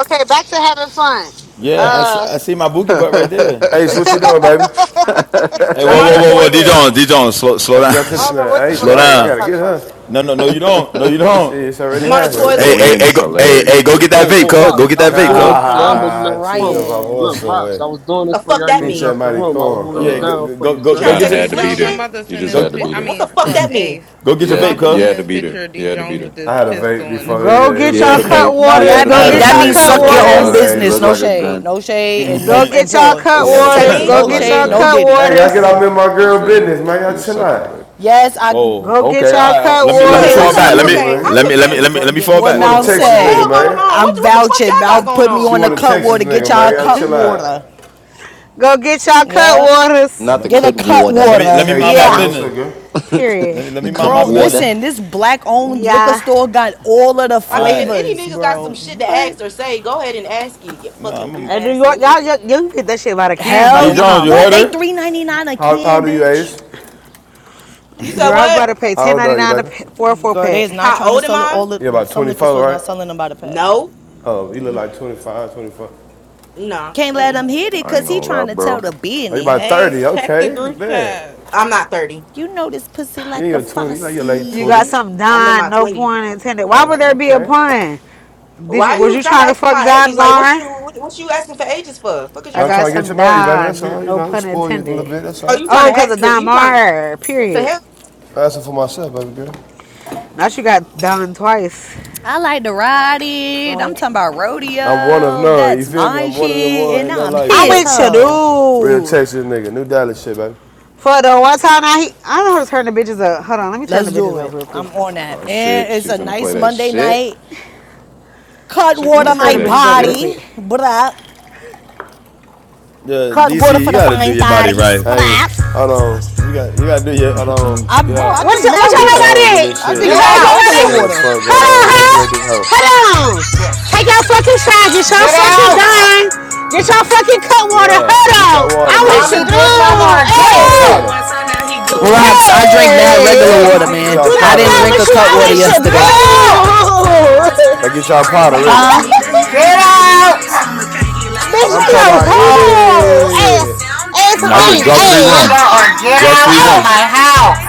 Okay, back to having fun. Yeah, I see, Uh, I see my boogie butt right there. Ace, what you doing, baby? I'm fucking Hey, I'm whoa, weird. on the whoa, whoa, whoa, D toilet. Jones, D Jones, slow, I slow just down, got to I the, don't know nah, what the Ace, fuck slow people right. I just down. gotta talk get about. her. No, no, no, you don't. No, you See, don't. it's already I'm on the happened, Bro, eh? Hey, toilet. hey, twin hey, is go, hey, hey, hilarious. go get yo. that Oh, vape, oh, cuz. Go Ross, get I that was vape, doing cuz. this for you. I didn't I'm know you left Ah, the chinga room. crying. Look, baboso, Ross, eh. I was doing The this for you. fuck I didn't that know you Pinche mean? left the room. I was maricon. holding it Yeah, Uh, down go for go you, You you go, son. go trying to kind of get say your some D had to slick be Jones, I'm shit? there. about to You send just this go had to pic. be What I there. what mean, the fuck fuck that mean? Ace. go get You your I'm had about vape, to. to You send had to this be there. picture of D You had to be Jones there. with I this had a vape pistol in his before, yeah, go mouth yeah, it get He to was y'all had a, a you. cut vape. He No, waters. had that a I Go had mean vape. a get that y'all vape means cut It suck your looked before, waters. like own a. uh, It business. looked Ace. No like a shade, gun. no shade, and Go no and get y'all pause. He cut That's had a what cuz. that waters. vape. It mean? Go looked No like get a shade, y'all no gun. cut diddy. Hey, I waters. get out Uh, in my you girl feel me? business, man. He Y'all was chill sucking the vape. out. Yes, I. Go Oh, get okay. y'all All right. cut Let She me let want a me Wait, fall waters. hold Texas back. up. Let me nigga, Okay, I'm let man. me let me Yes, let confused. me go let me get fall what She back. Let want a me mouth fall back. What Texas the nigga, hell said. going man. on? I'm What the, what the fuck y'all vouching. got Mouth going put me She on? on the want a cut Texas water. Get nigga, y'all a man. Y'all cut chill water. out. Go get y'all cut Yup. waters. Uh, Not let the Get me a cut cut water. let me let me water. Hey, mind my Caddy, Yeah. what's up, business. girl? Period. Let me let the me cut mind my Bro, business. water. listen, this black owned Yeah. liquor store got all of the I mean, All if right. any flavors, niggas got bro. some shit to What? ask or say, go ahead and ask it, you No, fucking I'm a, weird In New ass York, niggas. y'all, y'all, you can get that shit by the can, by Hell, the D y- one Jones. You off. what? heard They her? three ninety nine a How, how old can, are you, age? bitch. You said Girl, I what? better pay How ten old ninety are you, nine baby? for a four Girl, they pack. is not How trying to old am sell it. I? All the, You about some liquor 24, stores right? not selling them by the pack. No. Oh, you look like 25, 24. No. Can't let Mm-mm. him hit it I ain't because he gonna lie, trying to tell bro. the Oh, you business. about Ace, 30. check the Okay, group man. chat. I'm not 30. You know this pussy You in like a your 20s, like your late You got fossy. 20s. something I'm in Don, my no 20s. pun intended. Why Huh? would there be a Okay. pun? Did Why you are was you you trying to trying to ask for fuck my Don ages? Like, what Mar? you what, what you asking for ages for? Fuck is you I Now I'm got talking trying to about? get to some know you, baby. That's all. Don, You no know, pun spoil you a little intended. bit. That's Oh, all. you trying Oh, to cause ask of for Don you trying to Mar. what the Period. I'm Asking for myself, baby girl. Now she got Don twice. I like to ride it. I'm hell? talking about I'm one of rodeo. none. You That's feel me? my I'm shit, one of them one. and Ain't nothing I'm like me, I'm his baby. with you, hoe. dude. Real Texas nigga. New Dallas shit, baby. For the one time I he, I don't know how to turn the bitches up. Hold on, let me turn the Let's bitches do up it. real quick. I'm on that. Oh shit, And she it's a finna play nice that Monday shit. night. Cut She Let me water finna turn play my the bitch. that shit? body, bruh. Yeah, Cut DC. water for You the gotta do fine your body thotties, right. Hey, bruh. hold on. You got you gotta do your. I don't. I bro, yeah. I What drink y- what mad y'all Big water. Jones and know this I about it? shit. You drink Get I hoes mad know out! regular about it? don't know the water. fuck going on. Hello, Let me huh? break this hoe. Hello. Yes. Take your fucking shot. Get y'all Get This fucking shit out! dime. garbage. Get y'all fucking cut water. Yeah, Hold get on. y'all I water, wish Call man. you me Big do. Mama or get Get Hey. y'all out! hey. powder. What's up Rocks, I drink mad Is regular that water, mouth? Get man. y'all I powder didn't drink ready. with a you. I cut water Get yesterday. Bitch, Now out! I get y'all powder ready. Huh? Get out! like I'm talking about in hoe. Ass, it. ass a That's Call a me drug Big free ass. Mama room. or get Drug out free Hey. of room. my house!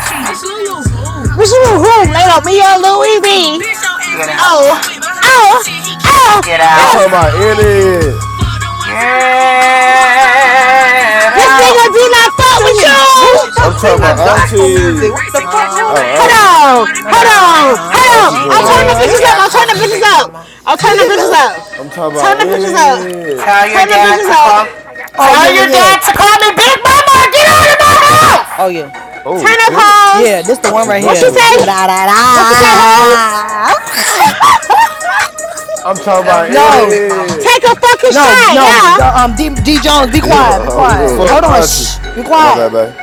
Get out. Oh, oh, oh, oh. Get I'm out. talking about in it. Get This out! nigga do not fuck with you. Singing who the fuck I'm talking about Not singing tonight. gospel music? auntie. What the fuck going Huh? Oh, Hold on? auntie. Tomorrow. on, Ta-da. hold on, The hold on. auntie drunk I'll turn Only the ass. if your bitches up. dad I'll turn calls the me bitches Big up. Mama. I'll turn Look the at bitches me. up. I'm talking Turn about the in bitches up. it. Tell your Turn the dad bitches to up. call. Oh, yeah, Tell yeah, your yeah. dad to call me Big Mama or get out of my house! Oh, yeah. Oh Turn up, shit. hoes. Yeah, this the one Auntie right What drunk she than here. a say? bitch. What she say? hoes? Da-da-da. I'm talking Tell about him to in call me No, Big Mama. it. the fucking no, shot, no. yeah. Um, D, D Jones, be quiet, Yeah, be quiet. hold Hold up. Fuck on, auntie. shh, be Oh my quiet. bad, babe.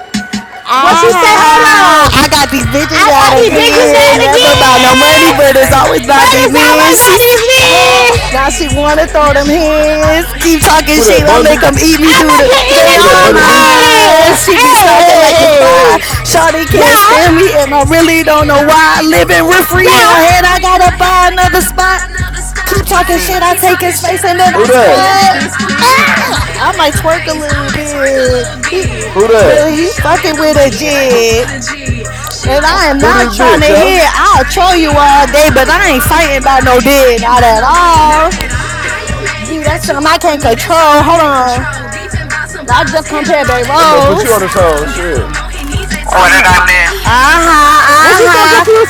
What she say? Hold on. Ah, I got these bitches I about got He these didn't bitches say it. again. mad Never again. about no He money, didn't but it's say it. always about these men. I She, Got s- these huh? Now bitches she wanna throw them Kick him out. hands. Keep talking Who that shit. I make Bumby? them eat me through the. They Who that all through Bunny the B? pain. mine. Bye. She be stalking like a Hey. spy. you know, Shawty re- can't stand me, and I really don't know why. Living rent free in her head. I gotta buy another spot. Keep talking shit. DC, I take his face and then I Who that? yeah, squat. DC. I didn't Ah! say I might anything to twerk a you. little bit. He, Who but that? he fucking with a Get out. jig. And I am Who What? not this trying to bitch, y'all? hit. I'll troll you all I'm day, not but I mad. ain't fighting about no dick. Not at all. Bye. Hide B, that's something I can't control. Hold on. Like, I just compared Bay I'm gonna put you on Rose. the song, shit. What I'm did gonna- I miss?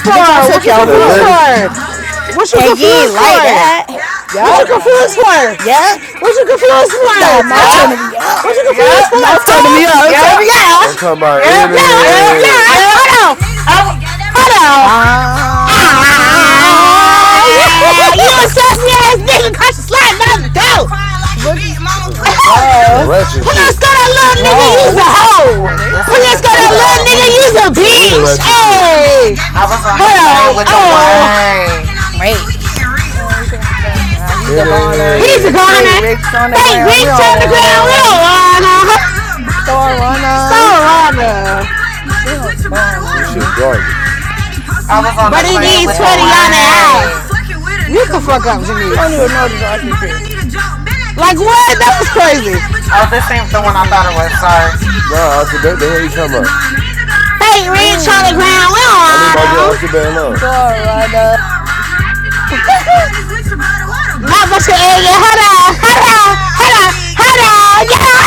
The bitch, I What took you Who your that confused hoe. Vetty? for? What you And you ain't confused like for? that. Wh- What you What Yup. did I confused for? miss? Yup. What you confused Nah, for? now Toe? Yep, turning me out. Confused yep, for a Now turning toe? me out. Turn yep, me out. I'm talking about yep, in Yeah, yep, yeah. it. yep. Hold on. Oh, Hold on. Ah, Ah. yeah. This nigga caught you sliding out the door. Crying like but it's It's a, on the it's a floor. ratchet shit. Go that little nigga, you's a No, hoe. wait, they this said Please this isn't go what some you that I the little thought ratchet it nigga, was. you. shit. It's you's a, a it's a real bitch. ratchet shit. Hey. I was on the you Hello. plane with Oh. the wine. Wait. Uh, He's a In goner. He's a it. Fade goner. Rick's on the Fake ground. We bitch on don't the want ground. We don't to want her. Star So runner. on her. We don't want This a shit him. bummer. garbage. I was on But the he Then y'all plane needs with 20 the on the die. house. wine. Get the fuck up, She don't Janice. even know this roster shit. Like what? That was crazy. Fake a Oh, this ain't the one I Uh. uh. thought it was. Sorry. Nah, Auntie Bae, the hell you talking about? goner. Hey, Rich on the Mm. ground. We don't Y'all leave ride my girl 'em. Auntie Bae Little alone. Store runner. not much of area. Hold on, Yeah.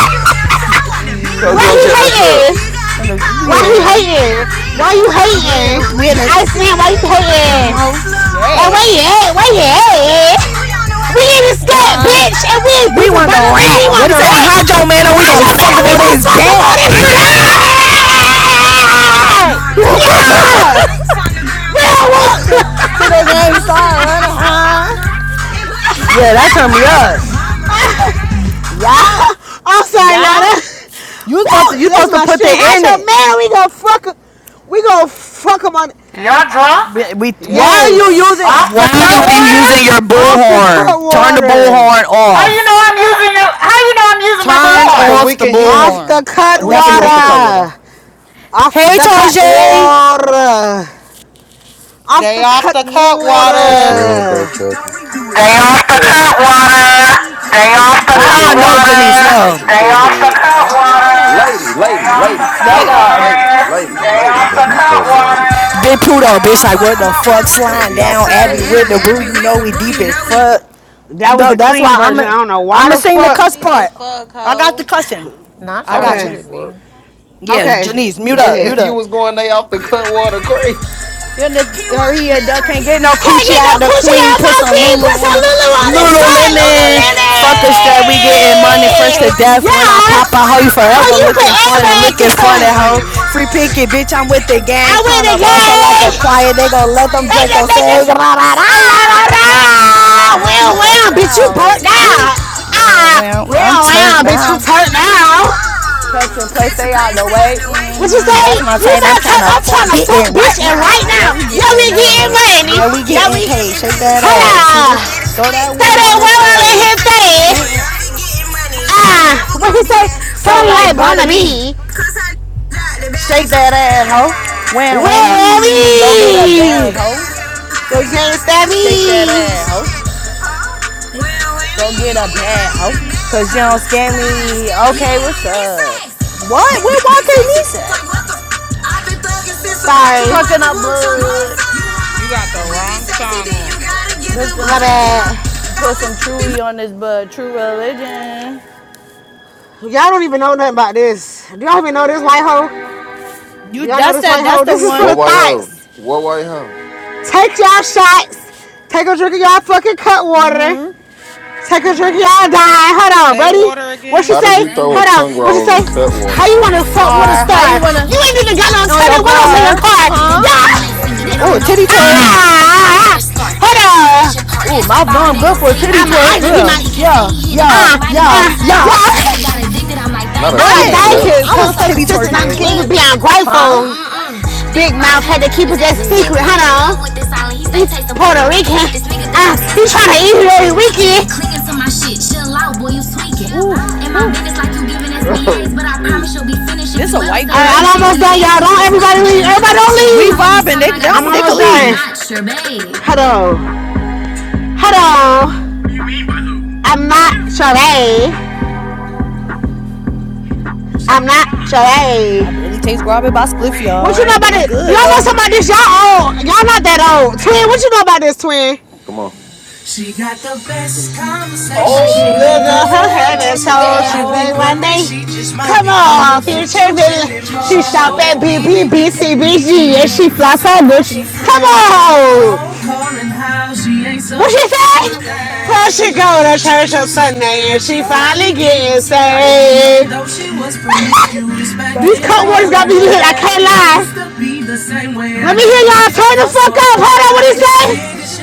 Shut Yeah. Why your he drunk ass up. hating? Look at Why he that. hating? Why you Yeah, hating? witness. I understand why you Yeah, hating. no. Like Red. where you at? Where you at? We in the scat, Yeah. bitch, and we ain't We beefing want the about no nigga. We rat. want. What he say? Hydro man, or we gonna fuck your him on nigga, we his gonna fuck him back. on his back. Yeah. We don't What the want. hell? Till that gang start running, huh? Yeah, that turned me up. Yup. Sorry, y'all. Yup. You supposed Woo! to you That's supposed to my put shit. How that sh- in it. fuck. 'em. We gonna fuck them on. Y'all drunk? We, we, why yes, are Yes. you bruh. using Off why the cut are you water? using your bullhorn? Turn the bullhorn How you off. know I'm using your? How you know I'm using my Turn balloon? Cause we off the can hear Off it. bullhorn. Uh, the We can Definitely off the hear cut it. with water. Off Hey, the cut water. Tajay. Off They the off cut the cut do water. you all water. dark chocolate? Stay They off the off the cut. cut water. Stay They off some the cut cut Uh-uh, no, heads. Janice, water. They no. some Stay cut off the heads. cut Why you water. on the Lady, Stay lady, off walkie-talkie? the lady, There cut lady, go. lady, water. lady, Yeah, Stay it's lady. off something the in them cut cut waters. water. All Big right, bitch. Pluto, Stay bitch, off like, the what the fuck? cut. You finna sliding be off down, the Abby with stage. the brew. You know we deep in fuck. No, The that's clean why I'm i version. am a. am a sing the Fuck. We cuss deep as part. fuck, I got the ho. cussing. I Nacha What got Okay. the you. muted me. fuck? Yeah, Okay. Janice, Mute up, Hell, mute you up. was going they off the cut water crazy. Your nigga, he a Put that duck Can't can't back in get my no bag. coochie get no out the coochie queen. out Put my Put some some feet. Lulu Put Lulu on some Put the on your some Lulu Lulu on butt, his on his butt. Lulu. Lululemon. butt. Fuck a Lululemon. strap, we getting money fresh to death. Yeah. When I pop out, hoe you forever looking funny, Ho, looking you funny, forever hoe. looking Free picket, funny. bitch, I'm with the gang. Connor Brussel like Yeah. a quiet. They gon' let them Draco say ra ra ra. Da da da Ah, Bitch, you well, well, burnt da. bitch, you burnt out. Woo. out. Well, Ah, well, I'm well, turned well, bitch, you now. turned out. Catch and play, stay out the way. hmm Say, That's my you type. I'm not trying turn out to fuck the fuck, bitten right bitch. now. Yeah, we Yeah, we getting getting money. money. Yeah, we Yeah, getting we. Every paid. Shake give that way, da ass. Who da Hello. this? da. Throw Say that whim on that Throw this well, that I wham let face. on him in his say. face. Mm-mm. it. Ah, what he say? So Something like like Bonna B. Butterbee. Shake that ass, ho. Wham Where are whammy. Go get a bag, we? ho. Go gangsta Shake that me. ass, ho. Go get a bag, ho. Cause you don't scare me. Okay, what's up? What? Where YK Nissan? Sorry. Trucking up blood. You got the wrong song on. Pistol. My Put some bad. Chewy on this, but True Religion. Y'all don't even know nothing about this. Do y'all even know this white hoe? You Do y'all know that's this that white that's hoe? This the is one What the white thoughts. hoe? What white hoe? Take y'all shots. Take a drink of y'all fucking cut water. Take a drink of y'all dye. Hold on, Say ready? water What she How again. did say? you throw a Hold tongue on. What she roll say? in cut How water? you wanna fuck with a Star, how star? you wanna You ain't even got no on your tenant. What else are you car, huh? Ah! Ooh, a titty twerk. ah ah Ooh, mouth. No, I'm good for a titty twerk. He Yeah, might yeah, yeah, Ah. Ah. yeah, yeah. yeah. I Not a like titty that What? We clap. because I was titty sisters I'm twerking. just What? being grateful. Huh? Had to keep it that secret. Yeah. Hold on. He's Puerto Rican. Ah, he trying to eat it every weekend. Clicking to my shit, chill out, boy, you tweaking. Ooh, In my ooh. business, like you giving SBAs, Oh but I shit. promise you'll be finished if This you a ever say. white All right, I'm girl. almost done, y'all. Don't everybody leave. Everybody don't We leave. How many vibing. times They I got don't they can Almost done. leave. Hello. Hello. I'm not Sheree. I'm not I Sheree. barely taste grab by spliff, What You y'all, know but about it's it? good Y'all know though. somebody this? Y'all old. Y'all not that old. Twin, what you know about this, twin? Come on. She got the best conversation. She Conversation look she looking on looked her up head for and Oh action. so happy she shit. think think one soul. day Come on, Do future Hey, the future future villain. She come shop anymore. at Oh, on. BBBCBG and she And she flies her wear bitch. her Gucci Come frame. on. She What she do say? Plus she go everything. to church on Sunday and she Yeah. finally getting saved. These Back in in cold her got me younger lit. I can't days. lie. Let me hear y'all turn the So fuck up. Hold on, what he say? Yeah,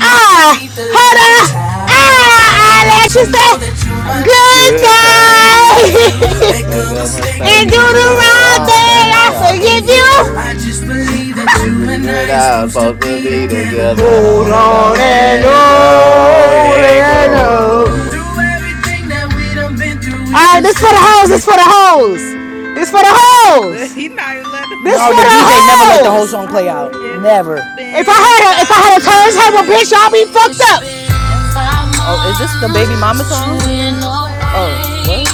Ah, hold on. Oh. Ah, I You let you take out. Know the- say Yeah, that my good good Good thing, thing. even if you thing you make Make a the mistake mistake and do and and the do do the the wrong wrong wrong thing, thing. I thing. I I forgive forgive you. forgive you. I you. just believe that But you we and were I are not supposed to supposed to be be together. together. Hold Hold on on, and let go, on let and on. go. Through everything that we done been through. All right, this for the hoes. This for the hoes. This for the hoes. he not even let the This No, for the song the DJ play. never let the hoes. whole song play I'm out. weak. It's Never. If I been had a if I had a five turns have a months bitch, I'll be fucked up. When? Oh, is Fine, this the baby since mama you but song? you went ain't got a Oh, word. away. what?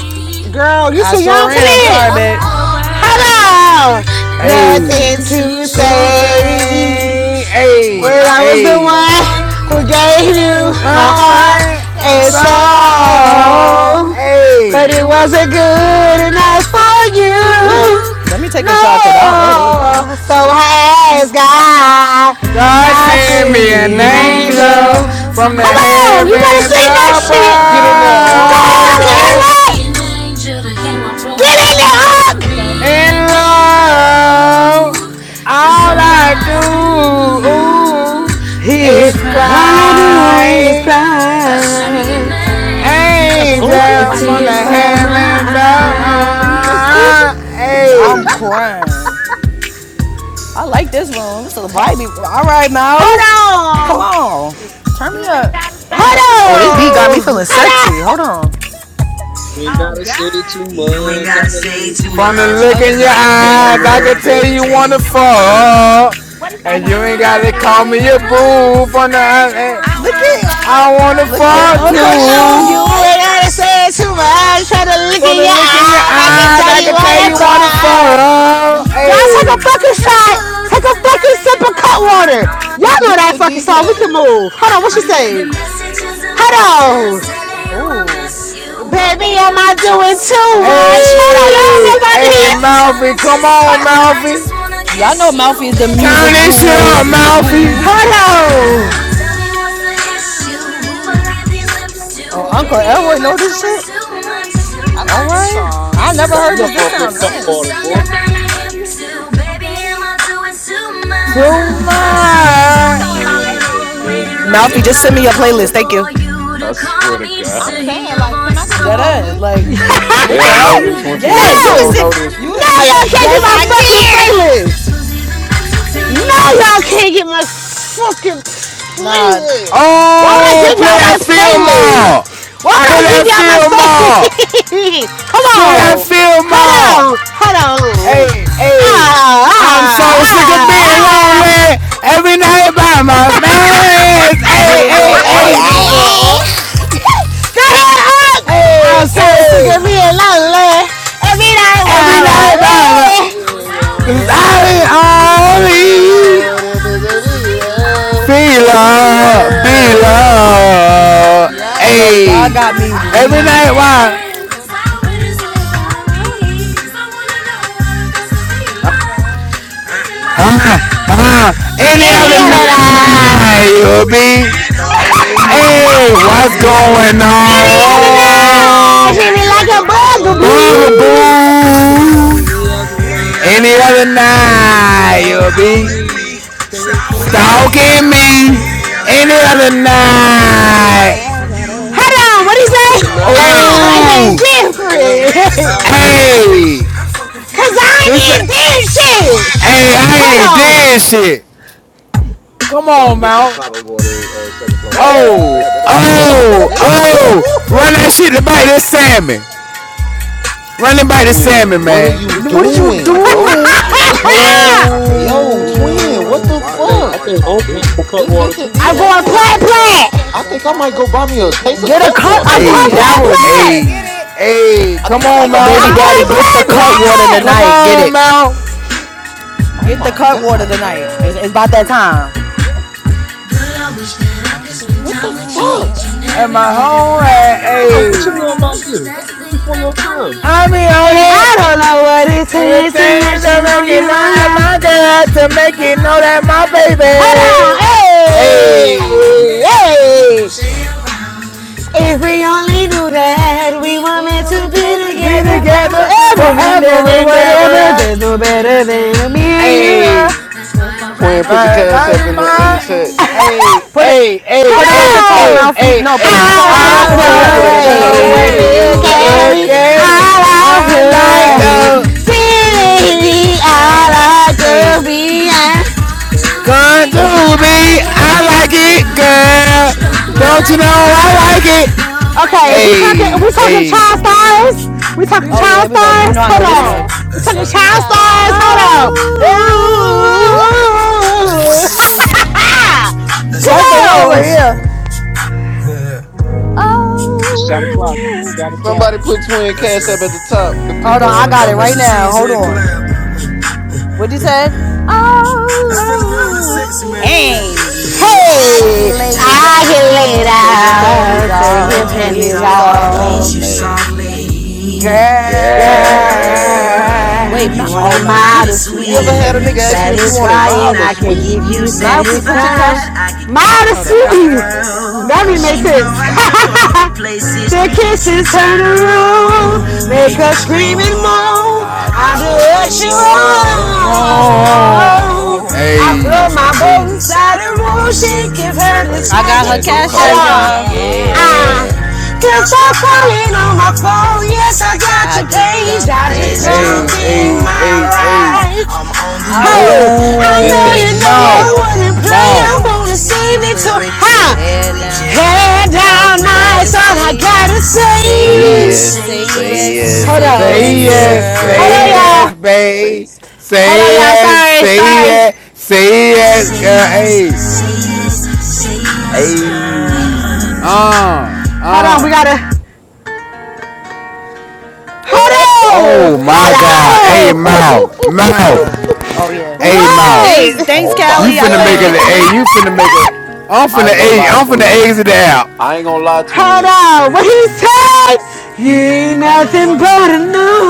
Girl, you I too young sure for am. Left Sorry, this. babe. without a word. Hello. Nothing Hey, to Nothing to say. Tuesday. say. When Hey, I I was the was the Who hey. one one gave who you who gave gave a you It's you. heart my all all heart and right. My and soul? soul. soul. But Hey. it wasn't good enough for you. Ooh, let me take a shot because I don't know this. No. So has I got, God God God God sent sent me for an me an healing angel angel. angel from Come the from the on, you better heavens heaven. sing that above. I'm shit. Get in there, huh? Go Get on, in there, get crying. huh? Give me Gary. to hear my Get in broken heart to In be. there, love, Hawk. Cause all all Cause I I I like to do do is cry. all is I try. do is cry. I see me in my cry. That's angels, girl. Oka? wipe to the Angel watch from the the tears tears from from heavens my eyes. my eyes. That's Oka? above. I'm Hey. crying. I like this room. It's a vibey. All right, Hold mouth. on, Come on. Hey, Turn me you ain't up. gotta I'm say feel- too Oh, this beat much. got me hold on. feeling sexy. Hold on. You ain't Oh gotta say too God, You ain't much. I gotta can say look too in your From the much eyes. Oh, look from in this your the I my look can Uh, in tell your I you shit. can eyes, I tell wanna can eyes. that I tell you. can you tell wanna fall. you uh, up. fall. what is And that? And you you And you ain't ain't Tanya ain't gotta gotta gotta call call me a me a boo, Bloom. boo just as from bad as you the wanna I Look wanna fuck, I at fuck I wanna wanna fuck. look at fall No, too. Uncle No, too. you ain't Eric. gotta say too much. Try to look From in the your look in your eyes. I I can can tell eyes, tell you I you can wanna what tell I you wanna thought. fuck. fall. Y'all take a Hey, fucking shot. Take a fucking sip of cut water. this Y'all know bitch that a fucking song. We can DJ. move. Hold on, what she saying? Hold on. tell it Oh. to, Baby, am baby. I doing too much? Mm. Hold on, y'all don't know hey, about hey, Malfi, come on, Malfi. Y'all know this. Malfi is the baby, Turn music this shit guru. up, I'm too Malfi. Guru. much. to I get it used Oh, to, Uncle baby. Eric know Am I Period. this shit. just to man? I All like this right, song. I He never Hold cutting heard this. up on. This off that sound cut nice. water, boy. Something I ain't used to, baby. Too Bro, much. Showing my Twin is the age, best man. Malfi, DJ just send me your ever, playlist. bro. Thank you. I swear to I'm God. saying, like, can I get the That ass, playlist? like, They what the don't hell know this you? one, twin. Yes, you They Bitch, No! can No, don't know send. this one. you a y'all DJ can't keep Yes, tonight, my I bitch? fucking can. playlist! No, y'all can't get my fucking Nah. playlist. Oh Why would my I Oh, give play god. y'all that my film more. playlist? Why would I Play give that y'all my film more. playlist? Come Play that on. film Hold more. on. Hold on. Hey, Ah, hey, ah, I'm so sick of ah, being ah. lonely every night by my man. Get Hey, That in there, would have hey, Yeah, never Hey, Unc. been hey, Get hey, in there, Uncle. me. Unc. hey. Girl, I'm hey, so Oh sick of hey, being damn. lonely. Every night every while I'm night by away. my. This is 'Cause on me. I I wanna Just know only what if it's a Vita. feel A so damn right love, be Vita. love. Yeah. Yo, y'all Hey, got Every me night every from wee. night my while. bed, doing it on me. Leland, Huh, huh, Leland. any Any other other Any other night, night you'll night, be. you Please take me calling me, home. Hey, what's What's painting that going when me. I any other Any other night, on? night, she you be be acting like a like not a tonight, bitch? bugaboo. bugaboo. But not Bugaboo! tonight. Any other Any night, other you be night you'll stalking be me, painting Why me. that? stalking Why? me. Any other You wanna be night. Hold a on, what do you But say? tonight Ah, seems but I ain't Oh, different. Something different. about this fishy. hey, Cause I it's ain't a, in this it's- shit. hey, I ain't Hold even on. did shit. Come You on, followed it through the Mal. top, I'm going to uh, second floor Ooh. right up bad under you. Oh, Damn, everybody fall over here. oh, That's This crazy. bitch. oh, run that shit to bite this salmon. Run and bite the Twin, salmon, what are man. See, you this the What are only you thing doing, about this bro? moving doing? on here, bro. I hate, I hate this Yo, moving on here. twin, what Like, the Oh, I why are you think not I fuck? like think Call of Uncle had Duty? some cut This water bitch a too, I'm Boy, bro. DJ going I plat wish tonight. that I plat. could I spend think I time might go with buy you me a each case and of Get a every cut cut. water or I'm I'm going trying. something. day. Yeah, hey, Daryl, you better plat. get hey, it. hey, I come think I Get the might on, go Long give me Mal. Baby I'm a Island daddy, going case. get plat. the one. cut water Come tonight. Get on, it. Mal. Oh Get the my cut water god. tonight. Hey, It's, it's about that time. now Girl, I wish that I could spend What time the with you fuck? each and And every my day. home and look at my Ma, what you hey, know about PPR. this? It's before your time. I be on And I it. don't know what it And the takes to let things you Tonight, that make know it you're know tonight, my that girl. my To let girl you to know make you're tonight, it my know that tonight, my baby. Hold on, baby. hey, Hey, hey. If we only knew that we were we meant to going be to be be together together together forever forever and and forever ever, and ever. whatever. ever. There's no better than me and you. Love. Hey, That's why I'm Twin, put your writing my, cash my, up in the in a the my, chat. song. hey, Put it hey, hey, put it at the hey, top, hey, Hello! Malfi. hey, No, put All hey. it top, I put it I I I at the Oh like yeah, like top. put it it like at the the do Look top. the way because is at you way you me. look you look at Hey. deserve me. look at me. me. at me. I The, All I I like like the do hey. is time the The, we spend, baby. I All I like do hey. what be we have come Come to to be. I me, I I like like like it. I it, like it, girl. girl. Don't Don't you you know Don't you know know I I like like it? it? I like it? Okay, if we talking, if Hey, we talking child hey, stars, we talking Oh yeah, child here we go. You stars. know I Hold know this on, Yeah. one. Yeah, keep child that stars. on. Hold on. Oh Come that's the one on! right here. It's shot o'clock, Oh y'all. Shot o'clock. Somebody put Twin That's Cash up right. at the top. The Oh no, people I want to got it right donate. now. Hold on. What you said? Oh, hey, I can Hey! lay you I can lay down, take your panties down, Twenty take your off, love panties kiss you kisses soft, off. off Get you soft, lady, late, lady. Girl, girl. girl. Wait, you Ma- want oh a no, mild she or she You ever Apple sweet, Pay had a me. nigga ask you if you wanted satisfying, mild or I can sweet? give you Malfi, put your satisfying. cash. Hold on, I Modesty. could find it. Y'all know That I didn't make know. sense. the kisses turn the Make room, you make scream her and scream and moan. moan. I I do do what what you she it's wrong. wants. want. I throw Hey, my boat hey, inside the room, She give You've her this heard I this got magic her magic cash potion. app, potion, y'all. Uh-uh. yeah, Girl, stop calling on my phone. Yes, I got your I just page. jumped I hey, just in. baby. I'm hey, jumped my. in on. my hey, hey. ride. I Hey, I wouldn't. This I know Oh, that you want to know I play. mouth, shit. I want wouldn't to play. see mouth. I wanna Victoria's see me Secret too. with your Ha! head down. Head All down, you gotta nice, all I say, gotta say. say Say yes, yes, say say yes, yes, Hold say on. say Say yes, yes, yes, Hold on, say girl. y'all. yes, girl. Say, babe. Hold on, Say y'all. yes, Sorry, say sorry. yes, say yes, girl. Hey, hey. uh, Hold on, we uh. gotta. Hold on! Oh my Hold God. on! Hey, mouth, Oh, mouth. oh yeah. A mouth. Wait! Thanks, thanks, Oh You my Callie. I finna make couldn't it an get the god. A. You link. finna make it. I'm I finna ain't gonna A. lie, I'm finna twin. A's it out. I ain't gonna lie, Hold twin. on, what he said? You ain't Not that I nothing but a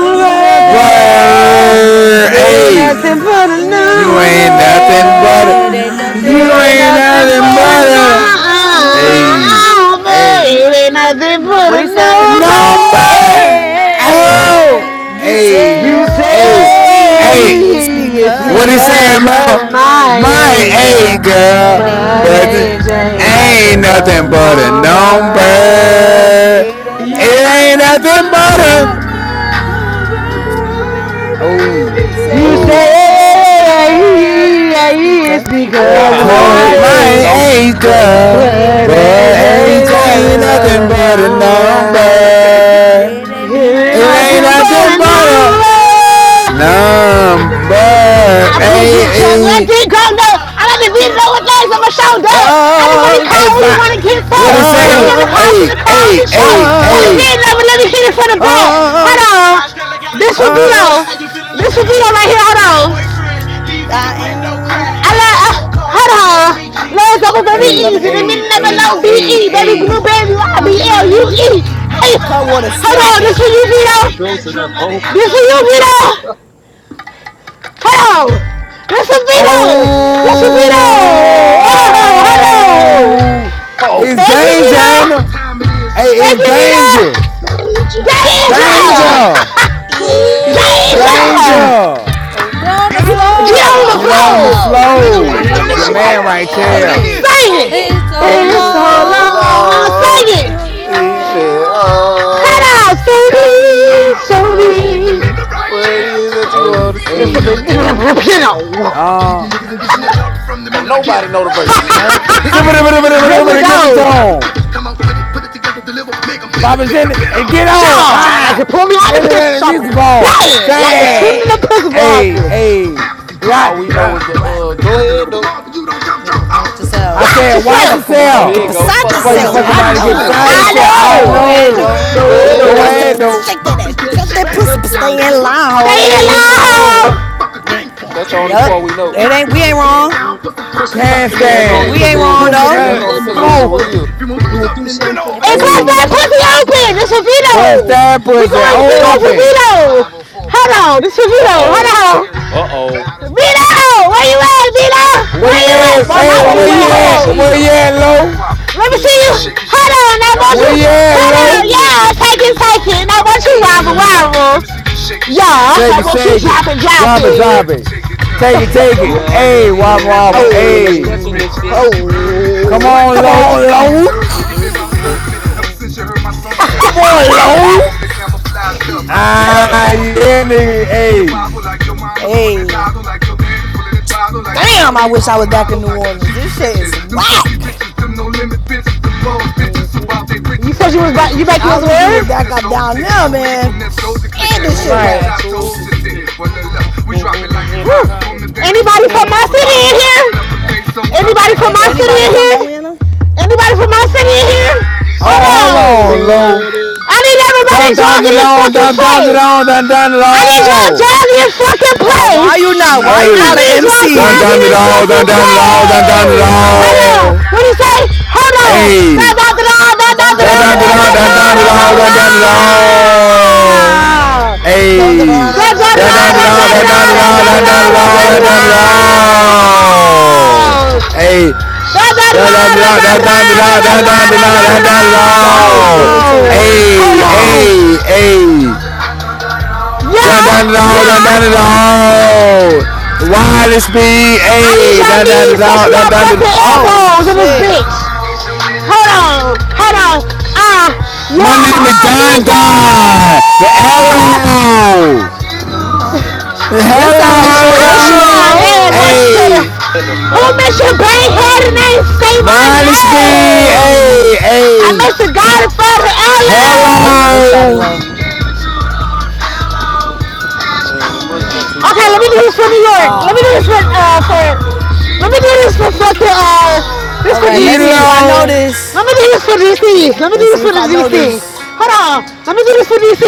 Ain't nothing but a It Burr number. ain't nothing A. but a It ain't You number. ain't nothing but a nothing number. but. It ain't nothing You It ain't but a ain't nothing nothing but a but a number. number. A. It ain't nothing but What a he said? number. number. Hey, Oh, you A. You a, a. say say it's it's What because he because saying, of Mom? my of my age, My age, girl. A girl. girl, But But age but it age ain't ain't nothing but ain't nothing a but nothing a but a number. number. number. It ain't It ain't It nothing nothing ain't but but a a nothing little but a number, number, baby. You oh You say oh. Say, yeah, it's it's because, because of Nah, Cause my ooh. unking my these age. notes is age But But girl, crazy. age it ain't but ain't nothing age but a ain't nothing but nothing a but a number. number. number. It ain't It ain't nothing It but ain't a nothing but a nothing num- but a number, number. number. baby. I be in the Hey jungle, I hey be grounded. I got the To beat the- on my thighs on my shoulder. I don't want to Oh, hey. Fi- hear no what talk. it He be say? in the no, house, Hey I'm hey in shock. hey Cut the no, hey. heat, heat it for the back. oh, Hold on, this will be oh. on. This will be on right here. Hold on. I am I hold on. Let's go with the the Hey, loving easy. hey, never hey, know hey, B-E. E, Baby blue, hey. baby you e Y-B-L-U-E. Hey, cut water hold on. This slapping. for you, Vito. So, so that's Uncle. This for you, Vito. Hold on. This for Vito. This for Hold on, let me. Vito. Oh, hello. Oh, oh it's Thank you, danger, shit. ain't it? Vito. Hey, Thank it's you, danger. Vito. Danger! Danger! Danger. Danger. Danger. Danger! Yeah. Danger. Danger! Danger. Oh, we're on the Get Get on the Get on the Get on floor the on Get floor! the floor. on the floor. The blow. The nigga right right nigga flow. The here right Your nigga there! now. right man chill. right Sing Sing there. here. it. it! Sing Say it. it. It's so It's Been so so long. long. long. What? Sing it. He's been Cut all out, Don't baby, need, so don't mean. need. What it What? is that you Hey, want to It's for the hey, see? hey. little kid out. Uh, Don't nobody know the verse. Nope. Deliver it Sippity-bitty-bitty-bitty-bitty, give it out. on. Bobby Sanders, hey, get on. Shaw, like you Bye. Down! pull me out of Many the pistol letters shopper. this ball. Bang, like the tune in Sad. Bad. the pistol Hey, office. hey. We got, All we know uh, is the uh. Go ahead though. Nick, That's I yourself. Watch said, watch Fuck yourself. The, Oh around and here get yourself. you uh, go. but the beside Fuck Fuck drop Before you around yourself. around and fucking and yourself, get I get around and I get beside beside know! beside know. yourself. I yourself. yourself. I I I know. Go know. know. ahead know. Go there, Go though. Go though. it, Go Go ahead Bounce ahead oh. the though. ahead, on. though. shake that ass, jump that Back! pussy, Look, but man. stay in Look, line, Stay Stay in ho. line, line, ho. ho. alive. Think- That's the only Yup. part we Come, know, come, It ain't. We ain't mm. wrong. mm, mm. Hey, Pussy Can't popping and on the that's only stand. We cause it ain't was handstand. a. wrong Pussy though. That's Believe only that cause it man was a smoking. smoking. real. We gonna do something for Everybody see what bust I'm that Hey. bust that pussy pussy open. out. This is doing. Vito. Bust that We pussy going, we going for open. Vito. Hold on, this is Uh Vito. Hold oh. on. Uh oh. Vito, where you at, Vito? Where I you want Where at? to you at? see Well, you not Hey, where you where hoes you on at. Hold Let y'all me see at? on. you Where head. you at, wobble wobble, low? Let me see shake it, you. shake it, I drop it, you. Where you drop at, it. Hold on, low? Ooh, now yeah, take it, take it, take it. take Let it. me I see want you you wobble wobble, wobble. Hey. wobble. shake it. Shake it, shake it. Drop it, drop it. Take it, take it. You Hey, already wobble, know what's wobble. happening when I step Hey, in this bitch. come on, Come on, low. low. The derby, mm, mm, Come on, low. Ah, Yo. yeah, nigga. Hey. Hey. Damn, I wish I was back in New Orleans. This shit is whack. mm, mm, mm, You mm. said ain't you no was back. big. You back. to I his wish we was where? back up down there, man. Shit, this Oh, shit bitch, Right. I whack. told you. that- Mm, mm, mm, mm, It's Woo. hotter. Mm, mm, Anybody from mm, it's my a city in Ramada. here? Anybody I from A- my thanks city anybody not. in from here? Atlanta? Anybody from my city in here? Hold Oh, hold We on. on, low. ready. I need everybody Down, down, the jogging in down, fucking down, down, the place. down, down, down, the I need y'all all. jogging in fucking Now, Oh place. why you not? shit. Why you not Hey. an Down, MC? down, the all, down, to down, the all, down, Oh down, my the play. Hold god. on. all. What do you say? Hold on. Da Hey. da da da da Dun da dun Down, da Girl, dun down, dun da da down, da dun down, da da down, da dun. da down, down, da. da. down, down. Dun dun Hey, Da dun da dun dun down, da dun down, da dun dun da down, dun down, down, dun down, da dun dun down, da da dun. da da da down, down, down, da. Hey, Da da da down, down, da down, down, da da down, da down, down, da down, down, da da down, down, Y'all is da. irritating. Hold Hey, on. hey, hey. Down, down, Yeah, down, down, down, yeah. down. Wireless speed. I need Hey, y'all down, down, knees down, touching down, y'all down, down. fucking Oh elbows in this shit. bitch. Hold on, hold on. Ah, My warm name is hot Don nigga. Don, the arrow. Okay, what's wrong, what's wrong? This sound like It's short. This shorty Hello! Ah, low. there it to Ello. the Hey! Set who fire miss to your the brain head and flame. ain't say my Minus B! Hey! name. I Hey! miss the Godfather Oh Ella. yeah, this shorty Hello! low. Man, it must be Yeah. two Okay, let me do sides. this for New York. Let me do Ah, uh, this for uh for. Let me do this for fucking uh. This all for right. Let's see DC. if I know Elo! this. This for DC. Let me do Let's this see for if the I know DC. this. Hold on. Let me do this for DC.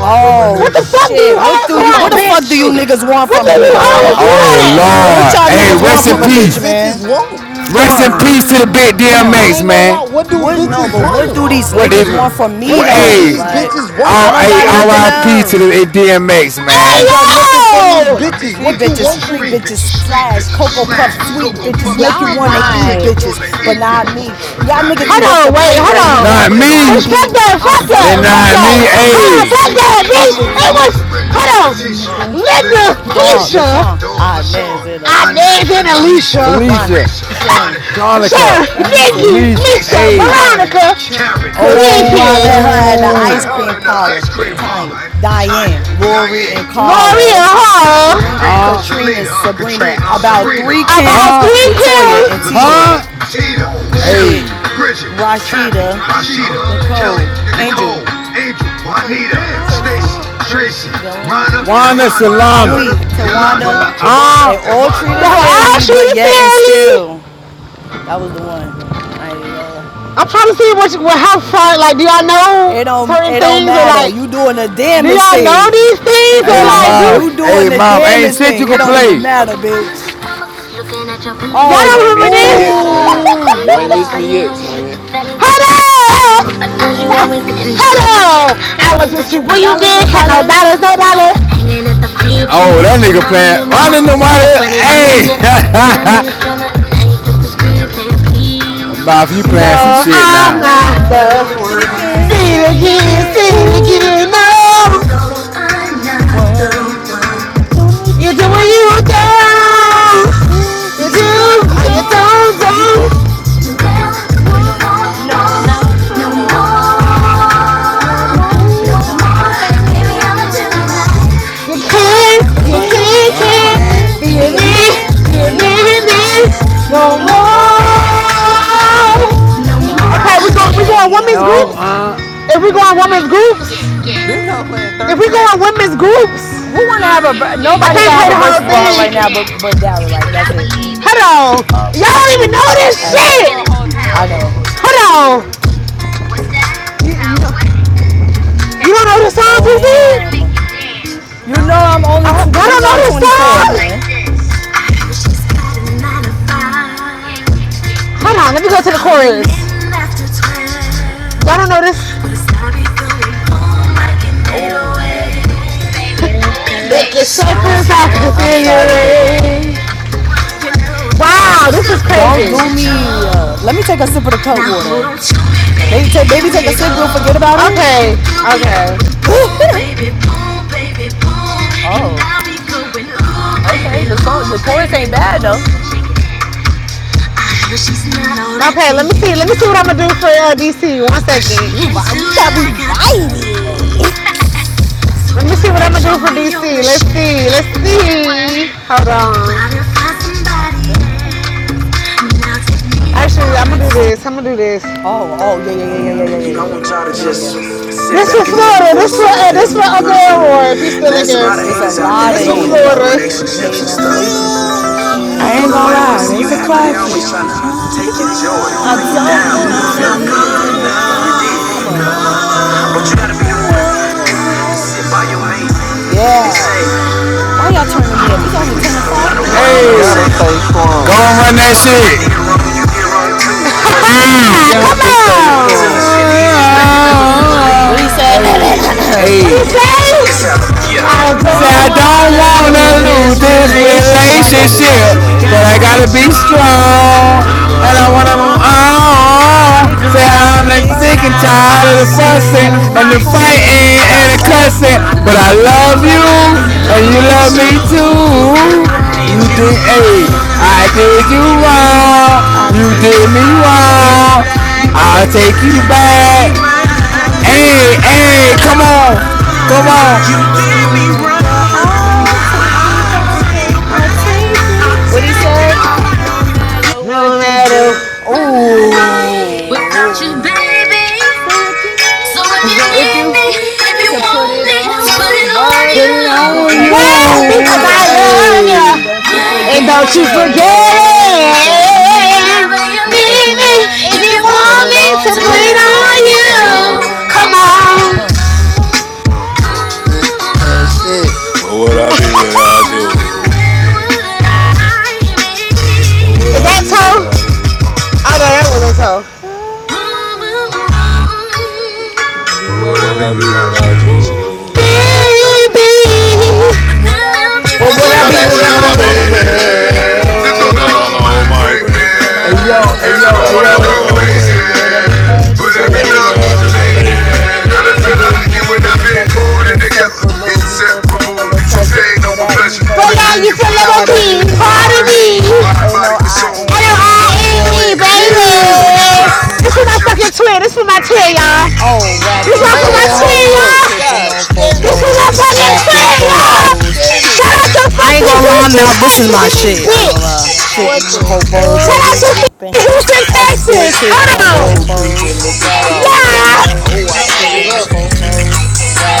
Oh What the fuck you shit! What hoes do you? What want, the Oh bitch? fuck do you shit. niggas want Look from a at you nigga, Oh Oh hoes man? my running! god. What What do- Lord! y'all Hey, niggas what want rest in from do a these bitch, peace! bitches man? want? Come Rest in on, peace to the big come I on. DMX, ain't gonna man! lie. What do What? No, bitches but what want? do these What niggas want even? from me What, What do though? hey! these Like, bitches I R- want don't hey, got from nothing me? RIP to else. the DMX, I Hey don't man! got nothing for these yo! bitches. Three What you bitches, want from street me? bitches, slash, Cocoa Puff, sweet bitches, love, baby. make you Y'all wanna eat vibe. bitches, but not me. Y'all niggas Hold eat off on, the wait, plate hold all you on. Not want, but not me! Bitch, D. fuck that, I fuck fuck They that, with fuck these not that. me! hoes from a Hold on, Hey! fuck distance. that, Is the bitch. It was, hold on. Linda Dawn, Felicia. LaShawn, Inez, and I Alicia, named it Lisa, Alicia. Ron, Felicia! Sharon, Sir, Tonica! eh, Lisa, Nikki, Alicia! Lisa, Hey! Karen, Veronica, Big Cookie, where I met Kid, her at the ice Oh! I'm cream good. parlor, Tanya, Diane, Lori, and Carla. Loria Hall, Seren- Uh, Katrina, Sabrina, about three I got Kims, uh, three Latoya, and pills. Tia, huh? Bridget, Hey, Rashida, Nicole, Angel, Tra- Tracy, Gallant, Wanda I'm Shalanda. we, Tawanda, Shala- and Uh, Wanda. They all treated were all fairly, but treated yet and fairly. still, that was the one. I ain't even I'm trying to see what, what how far, like, do y'all know It don't, certain it don't things or matter. like, You doing the do damnest y'all know thing. these things or hey, like, No, you mouth. do doing Hey, the mouth. Ain't damnest shit thing. you It can don't even play. matter, bitch. y'all Oh, You ain't don't remember missed this? me Turn yet, that twin. up. oh. Turn You ain't that missed up. me yet, twin. Hello! Hello! I was with Mm-hmm. you where you Dollars, been? no Had no dollars, dollars. no dollars. no Oh, that nigga playing. Why didn't nobody? Hey, mouth, you playing some No, No, shit I'm now. The I'm not not one. the one. that Did See again, one. it say it again, again. see it Ooh, again. No, No, I'm not one. that one. You need you do what you one. do. Do it. You You do Don't you do or you and you don't. don't, don't, You We, don't. don't. can't. You we want won't. Or one. you won't, No No won't more, no more. more. No no more. to I more. No can't spin Baby, more, I'ma around. do it baby. right. Mm. Can't, You You can't, can't, can Be a you or you can't, man. can't, can't, No, can't can't. man, can't. Be a be be a a man, man, man, be a do. man, be a man, man, no man. man. No No more, more. Ooh, hold no more, on. more. no Baby, I'm a Okay, we two more, go. of We go on I. baby. I'm women's a No, fool. groups. uh, If we go on hey. women's groups, This whole play in if 30 we go on seconds. women's groups. Who wanna have a? Nobody Oh can play have a the my whole. verses with her right god, now, but bro. but Dara. Like that's it. Hold on. I'm Y'all playing don't even A's. know I'm this At playing Not uh, you a shit. A's. whole She I man, DJ. I don't. motherfucker. I Hold knew you on. heard me. You don't know the song, No, Pussy? ma'am. You know don't know I'm this. only. Uh, Tw- you know I'm The 24, song? man. Hold on. Let Ooh. me go to the chorus. Y'all don't know this. Old ass. Mm-mm. Man, carry up with Uh, Shakers out the uh. I'm sorry, baby. figure. Wow, this is Don't crazy. do me. Uh, let me take a sip of the cut water. Maybe take, maybe take a sip. We'll forget about Okay. Okay. it. Oh. Okay, the song, the chorus ain't bad though. Okay, let me see. Let me see what I'm gonna do for uh, DC. One second. You, got me vibey. Let me see what I'm gonna do for DC. Let's see. Let's see. Hold on. Them- Actually, I'm gonna do this. I'm gonna do this. Oh, oh, yeah, yeah, Oh, yeah, yeah, yeah, yeah. yeah, yeah, yeah, yeah, This yeah, for yeah, yeah, There's Florida. This for uh, this for Uncle Elroy. If he's still a in here. lot You of This for know we haters in out here. there hating on Florida. relationships and I shit. Don't ain't gonna nobody wanna lie, see you that's a happy. They classic. always trying to take your joy, and I bring you don't down. You wanna feel me? lose this. You rel- did. Come on. But you gotta be the one by your man and Yeah. say, Why y'all turning me I'm up? It's gonna be only with ten you no matter o'clock, what. You You nine know what I'm o'clock. gotta Hey, saying? stay go strong. and run that shit. You got to stay Tell the strong. shit, the easiest thing to do. What he Oh, hey, said? hey. I don't Yeah. I wanna Say don't I lose don't wanna this lose wanna this lose this relationship, so I relationship. But gotta you gotta stay relationship, So we stay but gotta I stay gotta strong. be strong. I strong. I gotta strong, move Move wanna and I move wanna move on. on. on. I know you're I on. sick and Say know you see. I'm tired of Stick it sick and fussing, out tired of and all the tired of the work it fussing fussing and the fighting out. and the and the fighting cussing, and the fighting but I and Oh, the cussing. shit. love cussing, But I you but I love and you you love love me you and you And and you love you me love me love too. too. me too, I did Lou. you too. I I need You did you, wrong, did, you you hey, did I wrong. me did You you did wrong. me wrong. I You wrong. take did you me I take back. take you you wrong. back, back. You I'll take take me you you You take take me back. me back. back. I back, did you Hey, I hey, did come wrong, you on. girl. You Come did wrong. me on. you did me wrong, wrong. girl. I'll take you I'll back. take you I'll back. take you. I'll What he take said? you back. No matter No what you matter do. Oh. baby. So if you So need me, if you Girl, send a to put it playlist. on you, what? Put it on Because I love Because you. I you. love you. And Hey. don't you And don't you Don't forget you forget forget it. So if it. you need Whenever me, you if need you want me, if me you to put want it me on to that bleed Put on on you, put come it you, you. it on. come on me. on. Uh. It's Put it on you, Put it on you. that shit. What would I Where be without Mm, mm, would you? mm, when I would I What would I do? be Oh, without you? I know that one is so. be? Maybe we Where What would would What I I be be would I be without without without you? you? you? baby. Baby, Would I be without my Oh, What would What I would be Be I be without out without my of baby? my baby? baby? A total baby. The love The might What would I be break thought thought without alone alone my might might me. break break me. And I Hey don't me. wanna yo, hey go 'Cause yo, I hey don't yo, hey wanna go yo. crazy. baby? But Crazy. every crazy. thug needs a Cause Every everything girl needs needs lady, a a lady. lady. And lady. be Amen. more than together, inseparable. We your pain over pleasure. For that, you Right forever now, be you feel little part of key, part me. of Part of me. me. Ain't no I, ain't Ain't no we, arguing, L-I-N-E, baby. baby. Woo! baby. This is my fucking twin. This is my twin, y'all. Oh, wrapped This in is for my Man, twin, hold fofos, y'all. up. tipping God on damn This it. Give me is a fofos, my guess, bro. fucking wrapped Come in twin, on. y'all. Why God you fofos. asking? damn No, the phone, it. Shout out to the phone, I the ain't phone. fucking gonna lie, Houston. mouth. This is my shit. I ain't gonna lie. Tipping What the the fofos Shout that fuck? out we whipping. Houston, I still Texas. Hold tipping Now on on. look who creeping, fofos, look who wrapped in crawling What would still. I Yeah. do Oh, I fofos, without thought my it tipping was on up. baby? fofos,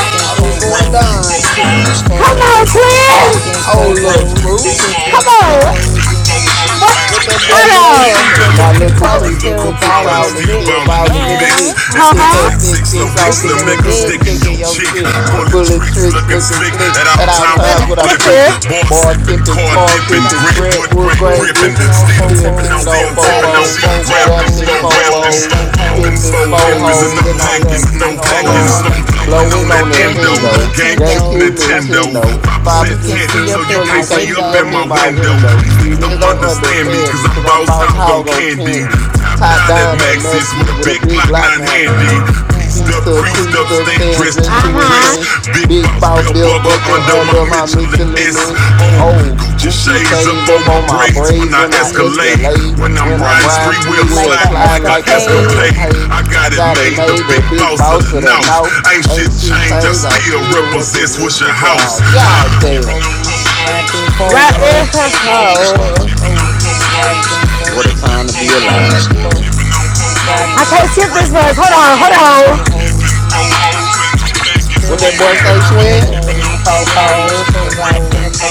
I in thought it was going fofos, down. tipping on fofos, Come on, twin. wrapped in Hold up, fofos, screw. Come tipping on. fofos, and I'm What? What that a boy Hold little say? creeping, Now little look who on. crawling, creeping, Cool still look who balling prowling, it a crawling, still See in the bowling if in the I bit. were mix. mix. in the Uh It's mix, that huh. six, six, six Six six, long six Just six, long dicks, sticking six, six, dick, little your six, slim niggas. nigga six, bitch. sticking six, your six, in your chick, cheek. Pulling pulling Another tricks, tricks, looking said, looking slick slick Okay, at I'm all said, at all time when another times whipping. I'm when time I'm Look flipping. with a flipping. here. gripping. More Bar The sipping, other sipping, said, car they car said, dipping, half pipping, Don't Grant whip- gripping, Wood, Grant Wood brain wood, Still grain grand, gripping. tipping gripping, on gripping. Still still tipping on, fofos, still on tipping wrapped on, in fofos, four rapping, wrapped in phone rapping, gripping phone four fofos, rapping, pipping slow fo hoes and hoes, no in our hanging, factories and I'm back no old balling hanging, on rolls, slow the blowing But on I blowing that on went that on endo, GameCube that endo, end though. GameCube, Nintendo. GameCube Call- Nintendo, Nintendo. Papa So Papa percent you can Bobby said, tent, said, see so "T, up you so said, in my you can't you can't you see up can see in up see window. my in it my through my window. window. These window. These niggas Stand niggas don't me. don't understand me, understand cause me I'm because I'm boss boss hog on hog on candy, candy. Let top me Top down just at down at Maxis Maxis with a with a big big Glock 9 Glock now. handy. Creased up, Pieced It's up, creased still, up, creased we up, stand still staying dressed to see, dressed to it's impress. still impress. through. Big Big boss The boss belt boss belt buckle bill, buckle bug, under my bug, under bug, my Michelin my S. nation that Michelin. Oh, is Oh, Gucci Gucci with the shades up shades on up my shades on up breathe. my on my braids when braids I Just when brain. I Like lead. it's escalate. escalate. When delayed. I'm When I'm riding riding spree wheel spree wheel, Like a sliding like sliding a like a escapade. paid. escapade. I I Got it got it made, the made, the big big boss of boss the of the north. north. Ain't shit Ain't shit changed, I changed. I still still represent represent what's your what house. I God Huh? damn. Fofos, wrapped in fo Right woe, in her hole. fofos, wrapped in fo, What a time to be alive, tipping boy. fo, wrapped I in, can't skip this verse. Hold on, hold tipping fo on. hoes, and I'm What still that boy tipping say, on twin? fofos, wrapped in fo woes,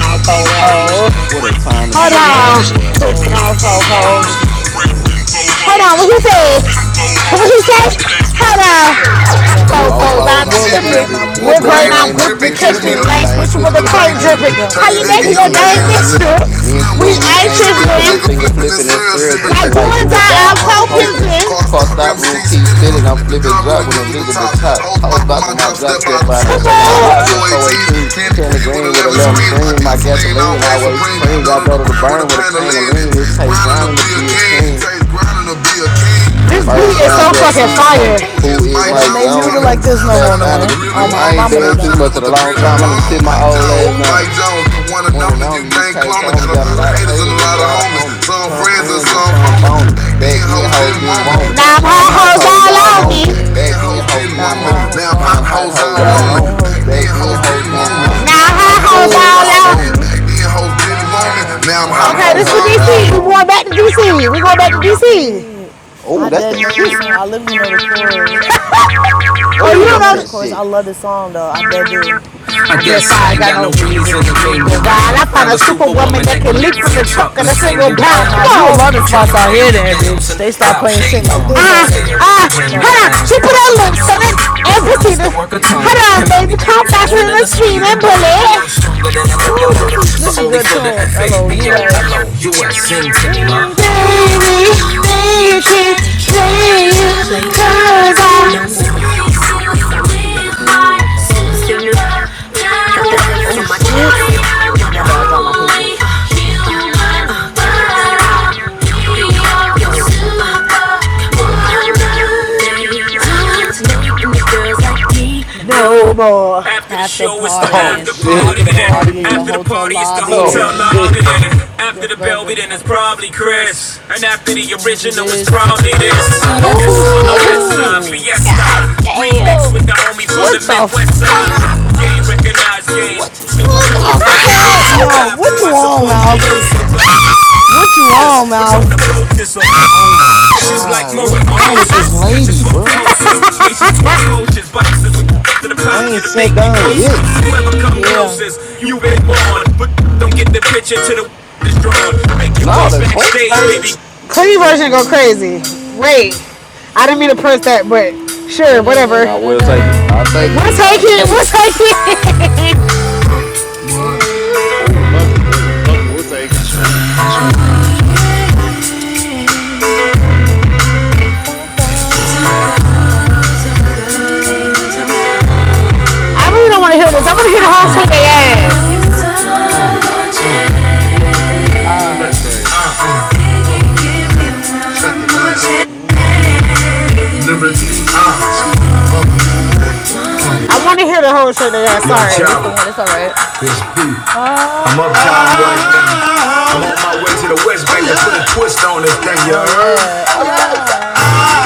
Hold wrapped in on. fo, What a time to Hold be tipping on. alive, fo boy. Hold on. fofos, Hold wrapped on. in fo woes. Hold on, what you say? What you say? Hold on. Wrapped in fo- And I'm Cold whip, Four foes, Both fours, I'm I'm what balls on tipping. gram tipping. I'm tipping, With Wood grain, whipping wood I'm grain, I'm grain gripping. on gripping. Catch with me Catch the gripping, me late, catch lying, me switching lane with switching a with the sipping plate with the pain dripping. pain dripping. young How dripping, you things. Pay your making neck your and your day, terminating your name mister? missing. dime Me missing. and They We Slim, ain't we ain't ain't sipping tripping. tripping. I'm serious, I'm and trying finger like to finger flipping and flipping, I'm syrup Like sipping serious do like sipping, or do or like die, do a die. I'm I'm dime cold pole missing. pimping. Car No, Car stop, stop rim rims seat keep that but spinning. thing, I'm spinning. I'm it's not flipping, flipping drop with don't- drop a with visible invisible top. top. Hold Hoes back with my bopping over, my drop, over, drop step it's out. step over the out. I'm Come on. top. shaking a block with four eighteen, 418. candy Candy green with green with eleven 11 screens. My screens. My gasoline gasoline always always supreme. I free. go Got to Everything the daughter with to the ground with a burn weapon, with a pint about of the pain of lead. It pun, lean. It tastes man. takes grinding to grinding to be a be a But king. It king. that's it, tastes it grinding to takes be one, a hundred king. three. This beat First is round Oh so my draft fucking picks mama. fire. coming. Who is They don't Mike make Jones Jones music coming. like coming? this no Slap more, Saved signing with the man. them Oh by grip. the my I ain't plague mama, Slap they danced woman this that don't. much in a slid long real down with a time. I need to pretty bomb. sit Now my Mike old one. My ass Jones, Mike down. John, Jones, my the one John, and the One and only. one, You only the can't only you UK clone me. can't clone Got a got a call lot me. of lot of Got a haters lot and haters a of and a lot of haters lot and a of homies. lot of homies. Some homies. Some friends and friends and some Friends and some phony. cell phony. Back phone. And then, Back back hoes then hoes then, I'm didn't didn't want high hoes me. want didn't me. hoes Now want up I'm me. Now I'm hot on But hot I'm hoes me. hoes hot all all hoes on on me. Hoes me. all Back on did me. then, Back then hoes woman. hoes didn't Now didn't want I'm me. They high want me. Didn't Now hoes want I'm me. Now hot I'm on. Now hot I'm hoes hoes hot all Back on all hoes me. all then on me. Back hoes then, on me. did Back then hoes woman. hoes didn't Now didn't want me. want me. huh? Now I'm I Now hot I'm hot hoes hoes said. all all on me. on me. Back then, hoes Now didn't I'm want high me. hoes Now I'm on. Now hot I'm Okay, hot this is hoes all DC. We on going me. back to DC. We going back to Oh DC. shit. Oh, I that's dead that know this shit. song. I literally know the chorus. Oh, you Oh, I don't know. that's know the that chorus. I shit. love this song though. I dead do. I guess I ain't got no reason to be wild. I found a superwoman that can leap from the truck and a single block. Oh, Come mouth, you a lot of on. spots out here, then, bitch. They start playing shit like this Ah, all day. ah, hold Hold on, on. She put come. her lips Yeah, on it and proceeded. Hold on, baby. Come back Y'all in leave me the alone. street and bully. Stronger than a Ooh, this locomotive, is this but is a only good for the. end. tune. Hello, I love U.S. Sin to me, ma. Baby, Come super. Oh, oh shit! My bad. I dropped my papers. No more. after Oh partying. To the shit. after After the party partying, is the in. hotel lobby Oh Here's the and after shit. party. that's what I do this. Oh shit. Ooh. God damn. What the fuck? What what What the the fuck is he fuck, doing? Mouth? What you on, Mouth? What you on, Mouth? Oh my god. What's wrong with this lady, bro? Yep. I ain't sat down yet. Yeah. No, the clean version? Clean Go version go crazy. crazy. Wait, I didn't mean to press that, but sure, Do do do whatever. Nah, do do we'll do take it. do. I'll take it. We'll take I'll it. Hey. take We'll it. take it. Hey hey. Oh, Fuck it. oh, Fuck it. We'll oh, take it. oh, oh, oh, Hey. Don't go, don't go, don't go. oh. I really don't want to hear this. I want to hear the whole thing. They ass. One more chance. Lyrically, That's uh. crazy. One more- one Uh, more. I want to hear the whole shit. Yeah, yo, sorry. Oh, this the one. That's all right. I'm uptown right Oh, now. I'm on my way to the West Bank to put a twist on this thing, you oh heard? yeah. Oh,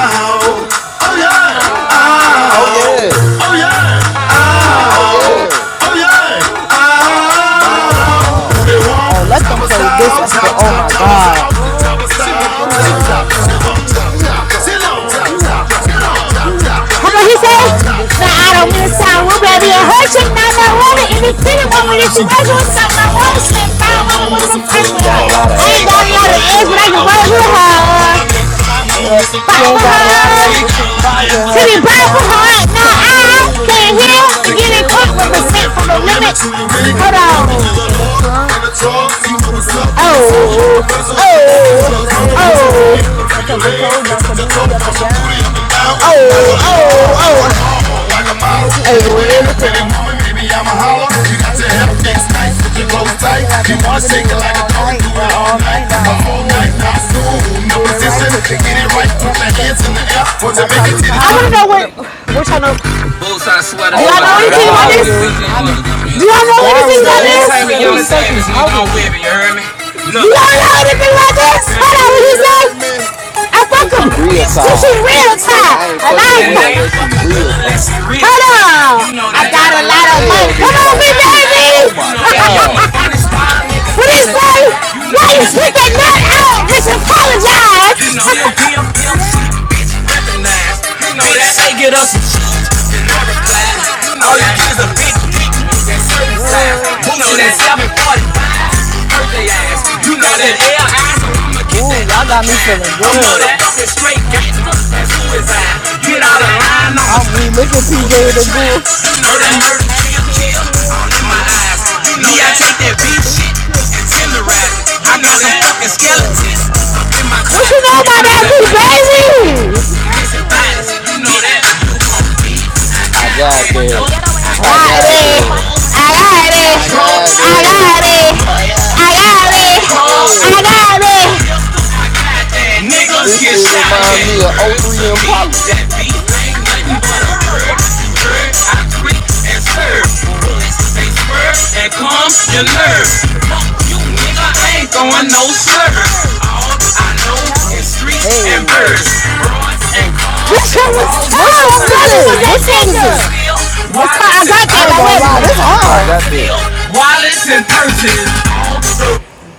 Oh oh, Oh Ow. yeah. oh yeah! oh, Oh Oh, yeah. Ow. oh yeah! oh. Bow, Ah, Do they bow, want Oh, bow. they choppers? want Oh, let top them of play this style, at the. top Oh my cha cha, God. oh, What cha She did want cha, chop cha chop. cha. She They want won't chop cha chop. cha. You They want won't chop cha chop. cha. She They want. won't cha he cha. say? I don't need the Nah, I sunroof, don't mean baby. to It sound hurts rude, and baby. It nothing. I want hurts an you now. I independent want it. woman. If If you she think it working or want me, if something, I you want measure a Woman, with slim big something, I fine brown want to woman woman slip with with some some down. twerk twerk I in and a, want her. to She if fight she ain't with got got her. a a lot lot of of I ass, ass, ain't but but got I I could any can other work work with ends, with but I a her. can work want a with big fine her. woman with some pop with her. She Fight ain't with got a lot of ass, her. but titty bot with To be her. bright Now I came Ain't here here, now, I to get a ain't car here, it's it represented for from no the can't but limit. limit, sing but you it. put you up in the trunk, put the Oh, universal. oh, Put your legs between your oh, oh, oh. and touch your toes, bounce your booty up and down. Now what you walk like a model. If you were an independent woman, maybe I'm a holler. You got your hair fits nice with the clothes tight. You wanna shake it like a dog and do it all night, uh, all night. Now assume the position, get it right. Put your hands in the air. So make it. Now chop it, I chop. want to You know know what what. I'm. We're trying to. Do Oh y'all know my anything about Daryl this? God. do, not me. Do y'all know Daryl anything about does. this? What? Who you think you Savage nigga talking don't whip to? it, you heard me? Look. You don't know anything like this? Hold You on, what he say? hear me? I fuck Cause him. she I fuck real a This bitch shit tired. till she real real And time. I ain't I fine. ain't fucking and fuck- with her I And unless I ain't she fucking real with her firm. you unless she real. real fine. I I got a lot got a of lot of money. Damn, Come money, this on, my I big ain't got shit. a baby. lot. You Oh I my know that you're mean, God. my I'm that funnest funny style, nigga. style What he nigga say? gotta die. Why you Yeah, Why you spit now. that kick Wait, that nut just nut out? find Bitch, out, You bitch? jazz. apologize. You know Apologize. that Yeah, DMDMC recognized. You know that they get us some I you and I reply. know that All you is a get is big a dick. big dick That that certain size, What? you circumcised. know that Stupid at 745. 745. Birthday Take they ass, eyes. you know that L eyes. So I'ma get Ooh, that y'all other got me kind. feeling You know good. that f***ing Say gangster, that's gangster, that's who who is I. am I? Get out of line, I'ma I'm stop. we look at PJ the Ghoul. Murder, murder, kill, kill. I let my eyes take that beef shit and tenderize. Yeah, yeah. Uh, bitch, the allies. You know my dad is crazy. I I was got one of the that. ghetto ass I girls in I the got got club it. that. fighting when they started playing shit I like got this. I I ain't that. gonna got it. lie, I I got, got God it. I damn. got it. I got it. This niggas shit get shot remind me at. of O three Impalas. That beef ain't nothing but a wire to me. You you, you fucking. Mom, you Yo, lurker, I you nigga ain't ain't This no first. I know. Hey, shit was what tough. song is Brother was this? that What song nigga. is this? I got that I ain't by gonna Webby. lie, this Bouncing This I around hard. like got a that. nigga.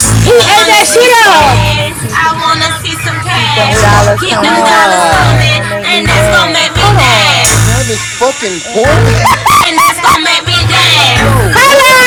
See Hey, some that shit ass, I up. wanna see I some wanna cash. see some Keep them cash. Oh my dollars Keep them Keep Keep coming, dollars them them and dollars dollars that's coming, god. gonna make coming, and coming, me that's and and gonna it's that's dance. make gonna gonna me Hold make make me me dance. on, dance. dance. Travis Yeah, fucking and that's Porter? gonna. And And that's and that's it's gonna gonna gonna make me make make me me dance. dance. dance. Yo, what?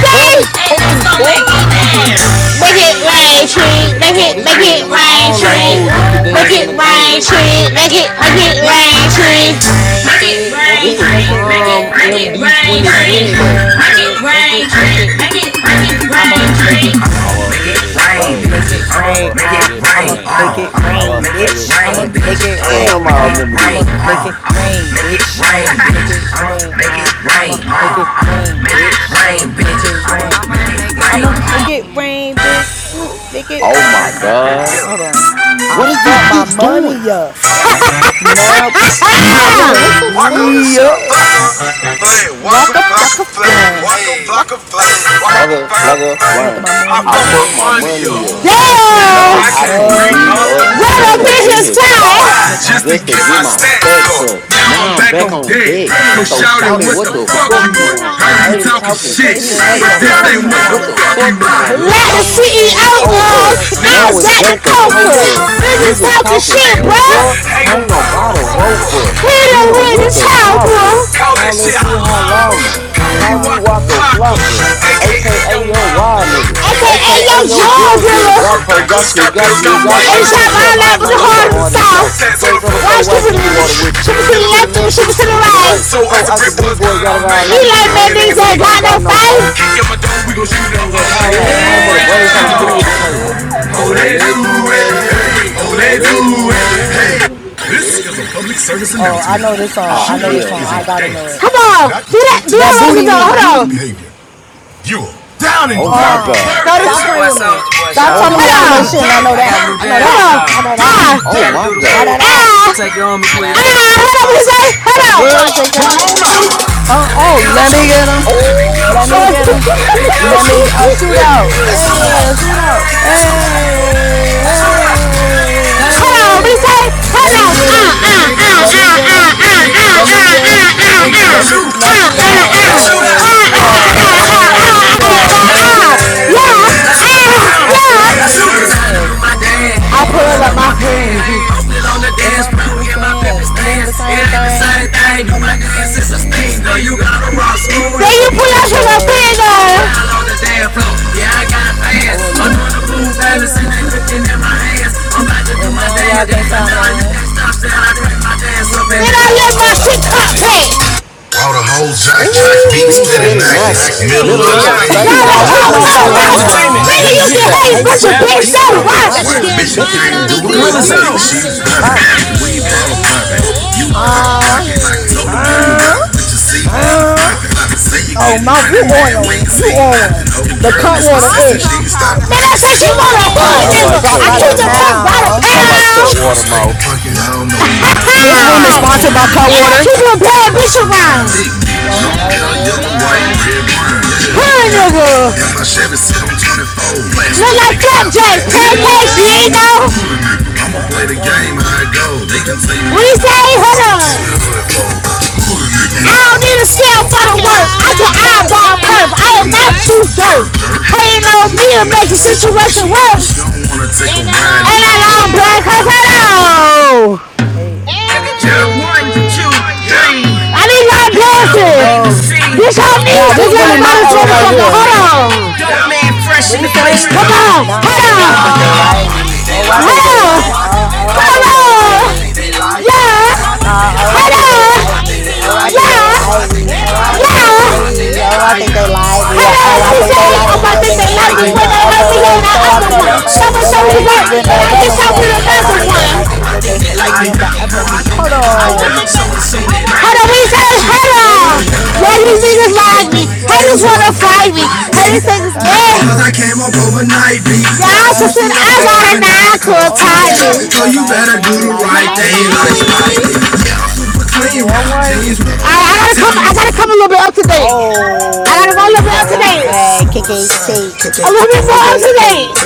Travis And that's fucking gonna make me Uh Porter? Make huh. it dance. rain Make it Make Make treat. it it make rain it, rain, rain, tree. make it kid. Make tree. it, Bro, Make Make this rain make it, it it when rain, make it treat. it rain all rain. tree. the make rain. it hoes Boy, used to rain dance in the treat. make club. it, make it Make it it rain was treat. a rain time. make tree. it rain It Make it Make treat. it Nah, make rain, this it, was rain, make tree. it tree. make it, Make prime rain it, was make it make treat. a MD it rain, rain. make time. tree. it 2020 day. rain make it treat. make rain, it, make tree. it. make it, make it I'ma rain. tree. make it I'm rain, gonna I'ma make make bitch. it it rain, I'ma rain, rain, make bitch. it bitch. kid. I'ma rain. I'ma make it Uh, make it I'ma rain, rain. make Uh, uh. it Hold I'ma on. rain, Make it make it bitch. I'ma rain. rain, bitch. make it I'ma Damn, rain. I Uh, remember rain. I'ma this. make Uh, it I'ma rain, make it bitch. rain, I'ma make bitch. it I'ma rain. make Uh, it rain. I'ma Uh, make it I'ma rain, make it bitch. rain, I'ma make bitch. it I'ma rain. I'ma make it make it rain. I'ma make it rain. rain, bitch. I'ma make it Oh my rain. god. Hold on. I What is this fucked my bitch doing? money up. Now I Yo, can't what the fuck? re up. Walk a flock of flame. Walk, walk, Fucking work, walk. Flugger, fuck, flugger, hey. Look at blind. my I money up. fucked my Hey. money up. Yes! I Now I And can not now re Now Yes! I I can't can't read can up. re re up, That up up. Run nigga up ran in up saying in his his I time! have spot to get my just Like, to this, just to get tweets get my my up. stats stacks up. up. Now I'm Now I'm back The back on on deck. deck. So So shout it, shout fuck it, you what wh- what the what the the want? fuck you fuck fuck you You want? you want? Talking Heard he want? Heard him shit, talking talking But shit, they but this saying shit, ain't what but the what the this but But this fuck ain't this you fuck what ain't the ain't what you what want? the got. fuck the. you fuck you want. want. Like the Lock my Oh, CEO oh. CEO I'm of, up. trying to Now Now was it's talk like to. the back to coca. Coca. Niggas Niggas talking talking shit, They shit, ain't bruh. bro. nothing I'm by Hang I him so ain't by gonna uh, a buy the the rope. rope rope, But up. the Hit him Hit him with with his chopper, the top, bro. copper. call that Call locker, that shit shit hot lava. halama. uh, Call me Call me Waka Waco flocker, Flocka, Flocka, uh, aka aka Young your Wildness. mm, wild they nigga, get a Okay, hey yo, aka your charger, yours, drug dealer. nigga. Got Got perp, good, got cook, got got bills, pills, got got white. white Ain't in shot the my trap twenty all life with the night with five. the heart of the hard and south. south. Stats the Thanks on the floor. floor, Watch watch, Cooper, keep it nigga. water whipping. Shippers to Skip it the to the left, nigga. left and Shippers to skip the it to the right. right. So as So the I brick said, Bree was boys running got all it night. all He night. These like, man, lame niggas man ain't niggas got ain't no got no fight. fight. Kick in my door, we gon' Fucking shoot it shut up it up all all night. night. Yeah, in the Home of the brain, tryna Braves, how shoot to it shoot 'em Yeah, with the K. ole do Oh, Oh, they it, do let it. do ole it. Hey, do oh, Oh, they it, do let do ole it. it. do. Hey. Oh, This let is a do. public service Oh, I announcement. know this song. I Oh, know this hell song. I nah. gotta know it. Come on. Do that, do that That booty Roosevelt. Hold meat. on. You down and Oh, my dirty. Uh, Hold God. dirty. on. This stop your playing boy with me. Soldier Boy, Stop Oh, y'all. telling my me I don't Hold on. know shit. God. And I know that. I know Come that. on. Ah. I know that. You Oh, gotta my do the I full know Ah. God. that. Take your arm and I you know it Ah. that. Hold on, what he say? Hold on. Girl, shake that. Uh, oh, let me get him. Oh, Let Hold on, me get him. Let me a shootout, Hey, a snap. shootout. Hey, hey, what he hey. say? Hold Let on. me get him. Ah. Let me get him. Let me get him. Let me now shoot out. Hey, shoot out. Hey, shoot out. Hey. Yeah. I I still shoot in the pants with my I pull up in. pants. I'm still on the With dance my floor in my pimpin' instance. It ain't stance. the It same ain't the thing. same thing. Do It my ain't the same dance is a stage. thing. No, you gotta rock You smooth. Then wasn't you with the pull out your fingers. finger. All on the You damn always floor. on your Yeah, I pants. got fans. Oh I'm doing the Lord, cool you always balance on and our they looking pants. at my hands. I'm about to do And my now y'all dance. can't But stop now you none. Get out We just been out the your dock, my shit up top with me. hat. meeting. All the whole Jack Jack Be beats steady knocking. Ooh, middle Middle of the of Yeah. the stage. Mouthy, stage, Y'all the got nah, the what what whole the whole mouth got time. club fuck, going rocking. on? girl? Nigga, Nigga, you you can can hate, hate, but your but to bitch be Bitch, don't steady watch you. She White watching. It's can bitch, you Bet you slide beautiful. can't on do can't a it. do it dick, Gorilla on a you out, deep she's sea she poppin'. box. poppin'. We Uh, Hey, bottle you poppin'. don't- hey, You cock hey, Huh? blockin'. hey. Girl, you Huh? rap, you Huh? flockin'. You Oh, getting mouth, you money, on man. a, you on one. No The cut water I'm persistent. egg. so tired of Man, her, I said she man. You want a Yeah, hood nigga, I Get nigga. like bought cut I by the keep water the mouth. pound. pound. I like cut i water mouth. don't know. This hood room is sponsored nigga, by Cutwater. bitch around. Big Hey. bitch, Don't Long that like hair, black, Red yellow, red, white, Brown. red brown. wine. Hood Just nigga. tell And my Chevy Scout mm, 24. Look like Flapjack. tell you Pancakes, no. you ain't Nino, know. I'ma play the game how go. it go. They can say What he say? Hold on. Don't go. Don't go. The I tip don't by need a cell for my I the can shot work. all I can about like work, God eyeball is got not curve. not I too am you, church. not jerk. too dirt. Hating Your on me and make the situation work. situation worse. Don't wanna take a And that ride. long Ain't that black long You black know. hair. hole? Eight and two, one, three. two, three. I need y'all Hey! dancing. Yo, This y'all Hey, now needs to this get really about my hey, hey, it. era right here. hey, hey, Dope man hey, fresh in Willie the place. said, Come on, hey. no, head boy, I Oh, think on, I they think they like like me. Oh, me. I think Oh, head I they think they, oh, like, on, I, oh, oh, oh, I, I come think oh, I they think they like on, like it. me. Oh, yeah, I, Uh, oh, I, oh, I head oh, I think they think they on, like like me. Oh, yeah, I me. think they yeah, like me. Oh, I head think Hey, they like on. hey, me. Oh, I think they like me. Oh, What I do you think they say? hey. like me when they hurt Hey, Like me this, on the when they help other me way. and hey, So I up I saw that hey, right, and I had to music. win hey, another It's how one. we hey, Oh, I the think they hey. one. like me when they hurt me on the other. Hold Oh, I on. think they, oh, I, How do oh, I we say think they hello? like Yeah, me. they they Why like do you me. You, niggas you don't like me? wanna fight Haters wanna me? fight Ain't me. get Haters because think I it's got them bad. on Cause I the came up me. overnight, B. I Y'all just gotta. said I got Well, a nine to a Oh, you better title. do So the you right better do thing the like right Like Spike thing Spike like Lee. Spidey. Lee. Yeah, i All right. I gotta come. I gotta come a little bit up to date. I gotta go a Oh, little bit up to so date. sad. K K K Hey! A little bit K more up K. to date. K.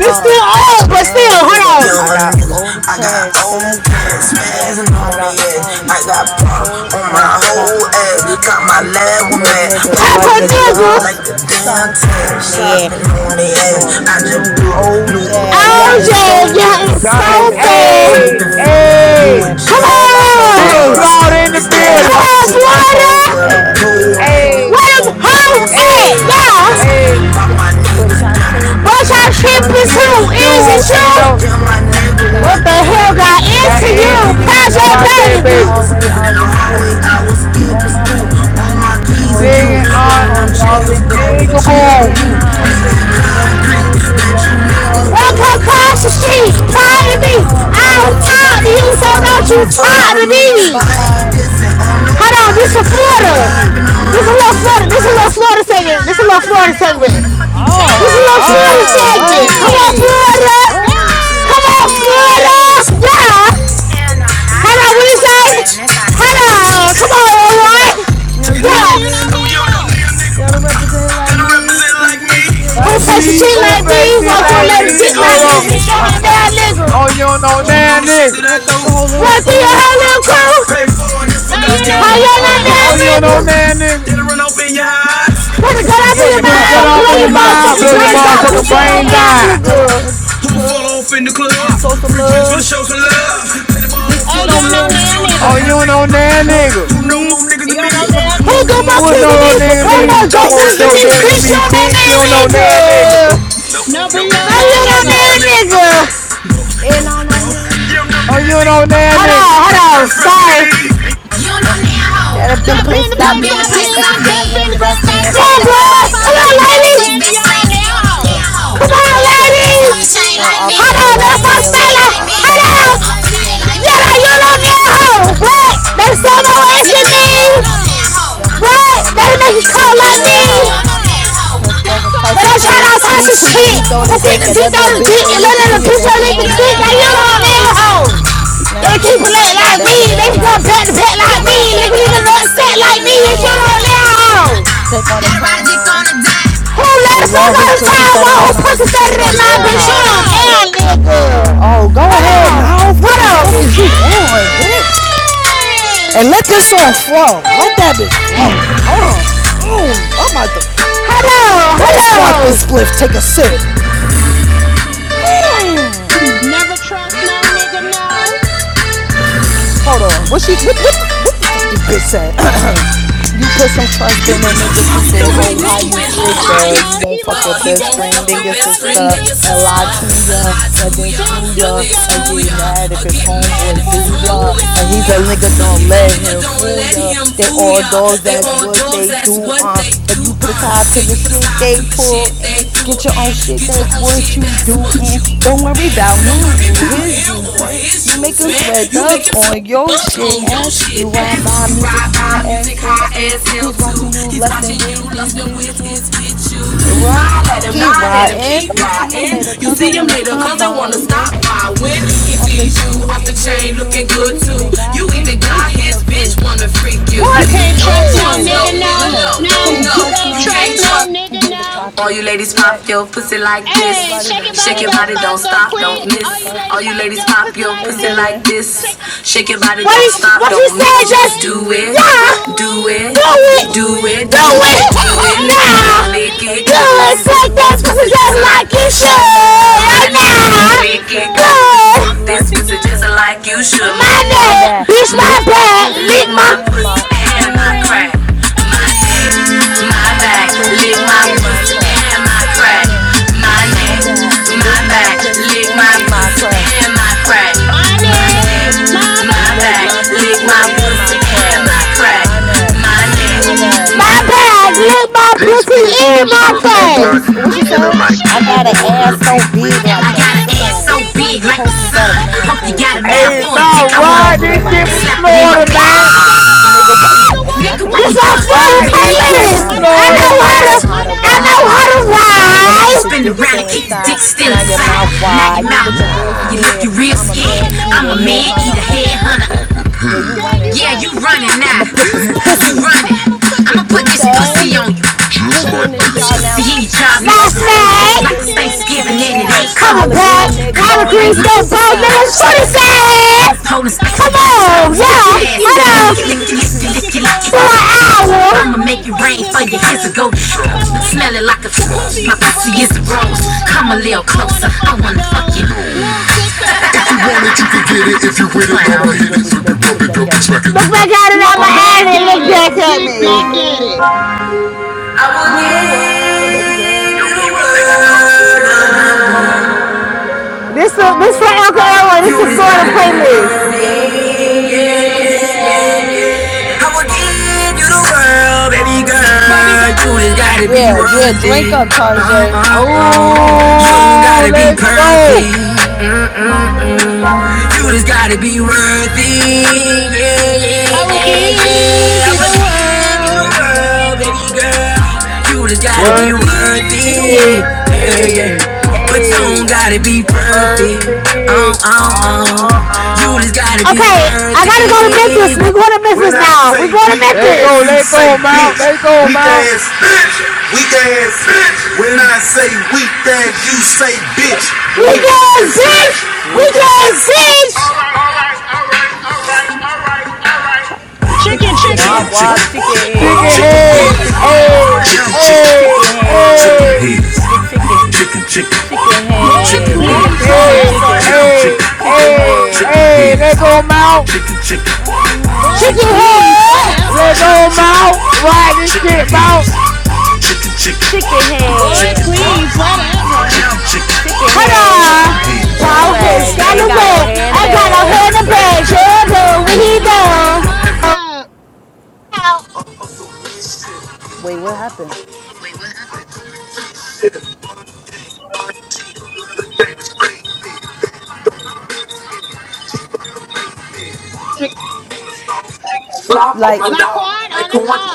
They still uh old, but still, young hold nigga. I got old I got cash old spazzing ass on their ass. spazzing I on their got ass. I problem with got my pop whole on my ass. Got whole my ass. Lambo Got my man. lab Pop with a mad. nigga Pop like a nigga. dime Like t- damn shopping on their ass. shopping on I their just bought ass. a I just new bought a old new jag. Oh Y'all is yeah, so f- yeah, it's Stop it. so smoking flocker. bad. Hey, You smoking a jack hey. and Come all I smoke is Big on. gas. flawed in Don't the Is you that ask building. me Cold where the water. pole where at, where your at? Hey, clothes Where them at. I hoes ain't at, talking hey, about y'all? my hey. nigga Pop them, my but niggas y'all down. tripping What too. y'all What y'all Is trippin' to? it cheering you? but Is Damn, it you? my you? Ain't no nigga, Yeah, what the hell got What into you? got got into Project you? into baby, How's you, y'all your was skipping Project in baby? the I Baby. was hallway. skipping I in the was hallway, skipping I was school on skipping my school. P's and All my Q's. keys All and them cues. Jing jiggers on, On call them me y'all jiggers, be call jigaboo, me jigaboo. bleeding Jigaboo. concrete. Bet you nigga won't come across the Walk street. across the Pardon street, me, proud I of me. don't talk to I you, don't so talk to don't you you, so talk to don't you me. talk I to don't me. nobody be. I'm Hold on, this is on Florida. the beat. This is a little Florida. Honestly, This is a little Florida segment. This is a little Florida segment. This is a oh, little Florida oh, segment. what, Come on, Florida. Hey! what? Come on, Florida. Yeah. Hold on, what you say? Hold on. Come on, all Check it right. out. No, you Yeah. Bitch, know you know nanny. now hoe. They don't represent like me. Who's fancy Who like Like takes a me? me, shit Don't know who like me? play shit Walk like through a like me lady's is. me? You dick know Oh like You me. no! know nanny. Bitch, you now am Uh a nigga. uh. bad No, nigga. Oh, you don't know Who do do? now, the You shit nigga. that I gonna throw do? your whole Run little through your crew? whole little Mm, No you crew. know How nanny. now y'all Uh not nigga. uh. mad, Oh, you don't nigga? know now, nigga. run open your eyes. Put a gun up Blow in your your Put a Bro, gun mind, you blow motherfucking off and in your your your brains out, mom's mouth, bitch. motherfucking blow You out. your know You brains know out, nanny. motherfucking out. now you on Uh No on brains now, nigga. uh. nigga. out. They want us to nigga. The Who fall club. off in the You need club? to Ow. show some Free drinks for the love. show. Play the ball Bitch, you Oh, for the know you know thugs. nanny. Bitch, now you don't Uh nigga. know Oh, you uh. now, don't nigga. know now, Who nigga. Who represent know more me? niggas You than me? Who's know now Who representing nigga. got more me? Who don't kids No, than know me? no, no Dope nigga Who dealer me? me, more No more jokers bitch. than You dope me? know dealing than Bitch, you me, nanny. don't know bitch. You that don't know nigga. now, Oh, nigga. no. Chewing No, be on Nope, nope. there, your No, you now nigga. don't know nigga. that nigga. You And on on there, don't nigga. know Oh, now, you don't know nigga. now, Hold on, nigga. hold on, sorry. You don't know Uh, now, hoe. that have been That the been places the I've place I've been. That could been. spend the That's gram been the that I grounds Come I've spend. Fuck on, been. about Fuck five or my blood. six Come five, on, best six best friends. You ladies. Come don't friends. You know there, don't nigga. know. Uh-uh. Or on, just That don't don't talk like stay me. like me. Uh, That ladies. awful don't Hold thing all on, stay like that's my me. A like me. style. little That awful don't Hold stop thing on. like stay me. like Not me. chewing on You Yeah, like there, don't you hoe. don't need know. a hoe. That What? that done to That's me someone and you You know asking there, me. don't hoe. know. That must What? come They like make you me. call You know like You me. there, don't hoe. know. That's, That that's tried types But of all I'm type trying shit. of all types We stuff of quit the that shit. deep no door the one I'm quick deck. to and dick That out little the bitch, dick they and let lit the it a clit. bitch do Not you and the know you click. that Now don't you don't hoe. need a know. hoe. like They keep it me, lit I'm like me. bad to They bad like come back to me, back like Never me. black Nigga, sad stop you like stay can like me, me. upset you And know like you me don't if you now. don't need know. a hoe. Take on the That Roderick on time. a dime. Who let us fuck One who all the pussy time? fatter One than who mine, pussy but you fatter know than You mine, don't bitch. You don't now. know. care, Oh, nigga. go ahead, Hello, now. What the fuck hello, is you on, bitch? Hey! And let this song flow. Let that bitch flow. Hold on. Ooh, I'm about to. Let hello, me spark hello. this spliff, take a sip. Never trust no nigga, no. Hold on. What she? What? What? The, what the fuck? This bitch said. you put some trust in that nigga, stupid Stupid hoe. How bitch, you how you figure figure? you won't He fuck might your fuck your best friend best and your friend or your sister and lie sister. to ya and then Then screw ya do and ya. get mad if his homeboy do Homeboys, do ya and he's ya. a nigga. Don't let him fool ya. They all dogs. That's what they do. Uh, and you put aside to the shit they pull and get your own shit. That's what you do. And don't worry about him or his juice, man. You making sweat dubs on your shit ass. You ride by music high as hell High too. as hell He's too. watching you He's less than with his bitch you. his with you. Well, I let I him, keep not let him keep riding. You see him later You cause I see him wanna later, stop cause they by wanna stop when by he when sees you he off the sees chain you off the looking good chain too. looking good You too. even got You his even got bitch when a his bitch freak. wanna freak you. You What? can't Don't trust no trust Ooh. no nigga, nigga, no. No, No, no, can't no, you trust can't you no. can't trust no trust. nigga, Ladies no. pop All you your ladies pop like. your pussy like Check your Hey, this. body, shake your don't Shake body, your stop, don't body, don't don't stop, miss. don't stop, Oh, quit. You don't ladies All you miss. pop All ladies them. you pop ladies your pop pussy your like Hey pussy this. like JJ. this. Shake your body, Shake your don't body, don't stop, stop, don't you don't just quit. do it, Do Do it, do it, Yeah. do it. it, do Do it, Do it. do do it, it, it, do do do it it. it, now. do do it now. Lick it it now. good. Lick Lick it Suck it this good, it pussy good, so just lick fast like this because you it pussy just just should. like like you it should. Right should. now, Right lick Right now, it lick now. good. it lick it Suck good, this suck pussy good. just this This like pussy you pussy just just should. My like you neck, should. my My my neck, neck. back. Bitch, my my Bitch, my neck, back. lick pussy Lick my my. and pussy pussy my and my and my crack. mmm, crack. My My neck, neck, my my neck, back. lick pussy Lick my my and my pussy pussy crap. and and my my My crack. crack. neck, My my neck, back. my Lick my back. pussy Lick my and my pussy crack. and my crack. My My Mm-hmm. neck, my my back, Lick back, my lick my lick pussy my pussy and pussy my and my and crack. my crack, crack. My neck, my My my neck, back. neck, My my back, lick back. my pussy and my Oh, what he face. what she This is said? my I got an shit. ass so I big got like an the Got an ass so ass so sun. big like big the like the Hope sun. we got a sun. If you Hope got a you mouthful of got a mouth dick. I for a mouth Hey, wanna dick, for a I dick. man, wanna I want come. to ride slap it in this my Rub shit it for face, in my slap it in my face, Florida, shove it down my face. man. shove it down my throat. nigga. Why you Nigga, why bluff? I you Nigga, can what make blunt? It's this our I'ma pussy. make this s- Ride pussy I this know smoke. shit for how I to. know I how Florida, know to, I know how man. to, I how to know I how know to. ride how to I can and spin keep ride. the around Spin and dick keep around the still and keep dick inside. still still Now your inside. Now mouth your inside. Now mouth your wide. You mouth, looking wide. real you look, scared. you real I'm a I'm scared. man a man eater, I'm a eater, man, eat hair a headhunter off head the hunter. hunter. head. Yeah, you Yeah, you running Yeah, now. you running running now. now. I'ma put You this pussy running. you on But running. you. I'ma put I'ma this What put he this pussy on said? pussy you. on you. Put Pussy in this his puppy jaw in your now. See, you jaws now. job Last Like it's It's like it's night, Thanksgiving like Day, it's he Thanksgiving ain't and it Thanksgiving coming ain't and it ain't coming. back. coming Collar back, green Collard neck green, collard bone. yes, greens, Nigga, that those choose a bowl, niggas, you nigga, a shoot fan. his side. Four, four, ass. Holding second, don't Come stop to the on, can. Licky, yeah, licky, Licky, licky, licky, hold on, licky, licky, licky, licky to you. licky, for for an I'ma hour. make it I'ma make rain it for you, rain here's for a you. Here's a golden. golden I'm rose. smelling like Smell a, it like a your pussy rose, My is a pussy is rose. a Come a rose. little Come a closer, little I wanna closer. I wanna fuck still you. take Flip it, double rubber, smack it, look back at it. Look back out of my alley back and look at it. back at Look back me. at it. You Do the world, baby girl. This is this for Uncle Elroy. This is sort of playlist. Yeah, yeah, yeah, yeah. I will give you the world, baby You just, girl. You just gotta be yeah, yeah, worth drink up, Uh, uh, Tarjay. uh. You don't Oh, gotta be let's go. Yeah, perfect. mm-mm. You just gotta be You just gotta be worthy. worthy. Yeah, Yeah, yeah, yeah, yeah, I yeah, would yeah. give yeah. I you would the give you world. the Baby world, girl. baby girl. You just gotta I Worthy. be would give you the worthy. world, baby Yeah, yeah. Hey, girl, but you But you don't hey, gotta gotta be be perfect. birthday. Oh, perfect. oh, Uh, oh. uh, uh. Okay, I gotta go to Memphis. We're going to Memphis now. We're going to Let Memphis. go, you let say go, Mount. bitch. Let go, Weak Mount. ass, bitch. Weak ass, bitch. When I say weak ass, you say bitch. We Bitch, got six! We bitch. got six! Let me Chicken, kick your Chicken, chicken, Wop Chicken. butt, chicken, wop butt, chicken chicken, boy, Chicken boy, head. chicken head. please, please, Chicken Hey, head. whatever. whatever. Chicken, chicken, chicken hey, chicken head. hey. Chicken chicken. head. Chicken, chicken, Chicken Boy, chicken head. Chicken please, Chicken head. head. chicken. whatever. Chicken, Hey, chicken, hey, Chicken hey. head. chicken hey. Let go, head. Mount. Chicken, chicken, Boy, Mm-hmm. Chicken please, head! Let whatever. chicken, go, chicken, Mount. Ride this chicken shit, Mount. head. Chicken, chicken, Chicken head. Please, whatever. Chicken Hold head. on! Ball head. Fucking headed, silly While he's wags. scallywag, gone Ain't got ain't no away, got no hair in the I hand in got the a bag. back. heard a bitch. Oh, no, we know. Come Wait, what happened? Like,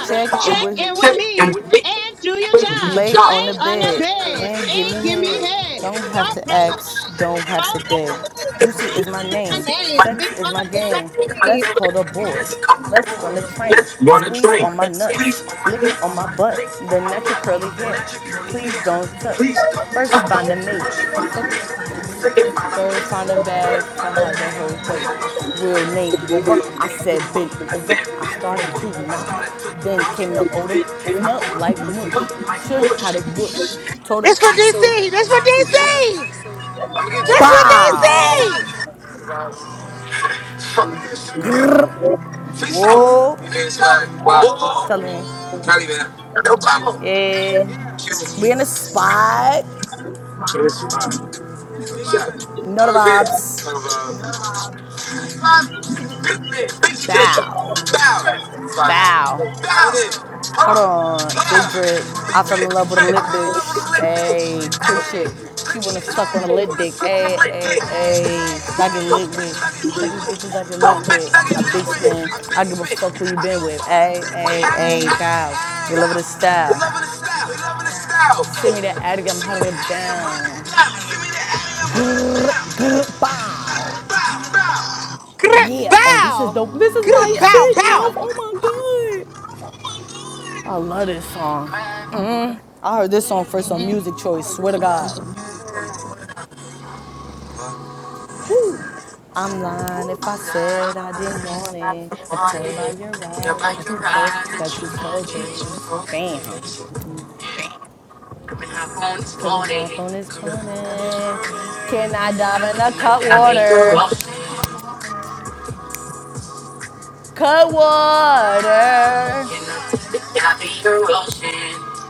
check it with in with me and do your job. Lay on the Ain't on the bed bed, and give ain't me give me head. head. Don't have to ask, don't have to beg. Juicy is my name, sex is my game. Let's call the boys. Let's run the train. Squeeze on my nuts, lick on my butt, the natural curly hair. Please don't touch. First find a mate. Second Third find a bag to hide the whole place. Real name Rover. I said bent over. I started to knock. Then came the odor. Smelled like mush. Should had a whoosh. Told it It's for DC. That's for DC. That's for DC. bow. Whoa. Tell me. Yeah. We in the spot. Know the vibes. Bow. Bow. Hold on, big drip. I fell in love with a lit bitch. Ayy, crip shit. She wanna suck on a lit dick. Ayy, ayy, ayy. I get lit with. a Couple bitches I get lit with. A big stem. I give a fuck who you been with. Ayy, ayy, ayy, bow. They love the style. Send me that attic, I'm huddled down. Grr, grr, bow. Grr, Yeah. Oh, this is Bow. dope. This is my Grr, Bow. shit, mouth. Oh my god. I love this song. Mm. I heard this song first on Music Choice. Swear to God. Woo. I'm lying if I said I didn't want it. I could tell by your eyes that you fo- that you focus. Bam. Come and hop on this Coming hop morning. on this Come pony. Can I dive in the cut and water? Cut water. I be your ocean.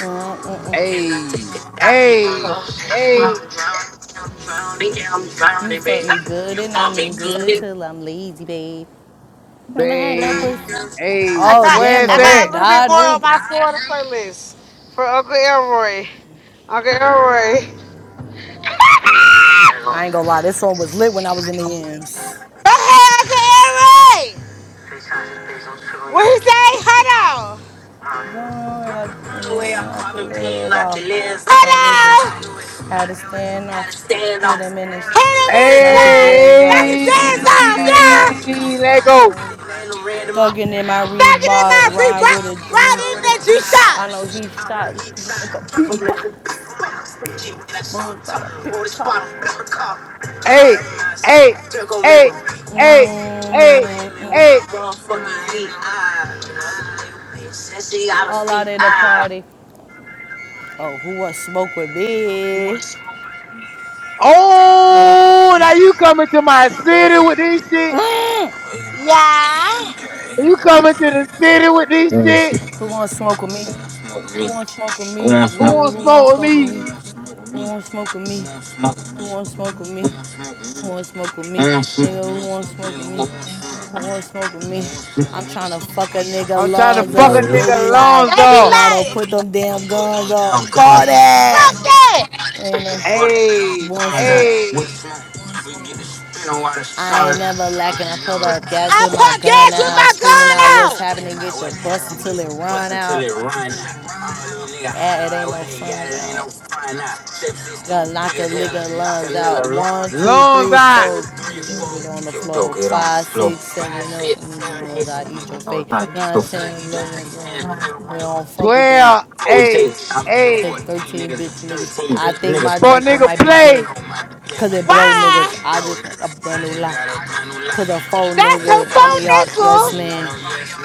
Mm, mm, mm. I take Hey, it down to your hey, ocean. I'm hey, drowning, drowning, I'm drowning. You fuck me good and I mean good till I'm lazy, babe. i Never had no babe. pussy. I Hey, Oh got, damn, where's the I got room that? Big died, Boy on Ruben. my playlist for Uncle Elroy. Uncle Elroy. I ain't gonna lie, this song was lit when I was in the yams. Go Uncle Elroy! What he say? Hold on! I lit and I could live off. Can't wait for him. Hold on! Had to stand off, Hold hit him in his, on in the knock his sky! dreads Knock off, his Hey, and he dance was off, caught about yeah! it. let go. Thugging in my Back it in my Reebok, free ride break! with a G. Right in that you Shh, I know shot! he shot, like a beatbox. Bros about to pick a cop. Hey, hey, They're gonna make hey, a hey, hey, Mm-mm-mm. hey. motherfucker says she out of All feet. out at the party. Oh, who was smoke with me? Oh, now you coming to my city with this shit? You coming to the city with this shit? Who wanna smoke with me? Who wanna smoke with me, Who nigga? want to Who wanna smoke with smoke with me? me? Who wanna smoke with me? Who wanna smoke with me? Who wanna smoke with me, nigga? Who wanna smoke with me? Who wanna smoke with me? I'm tryna fuck a nigga I'm trying to lungs fuck a up. They be nigga like, lungs up. Nardo, put them damn guns up. For that, ain't no. Hey, Born smoke. hey, I ain't never lacking. I put up gas with my gun Get out, my screaming gun out what's out! happening. Get the bus until it run out. Ah, It ain't no fun out. Gotta knock a nigga lungs out. One, two, lungs three, out. four. Get on, get on the floor. Five, six, seven, oh. I mean, you know, I eat your face. Nine, ten, eleven. We don't, we don't fuck with you. 12, hey, hey. Hit thirteen, bitch niggas. I think my For a Draco nigga might be gay, play. cause it blow Why? niggas. I just a brand new lie, cause a faux That's a nigga. I'm a phone yard. nickel. Yes, man.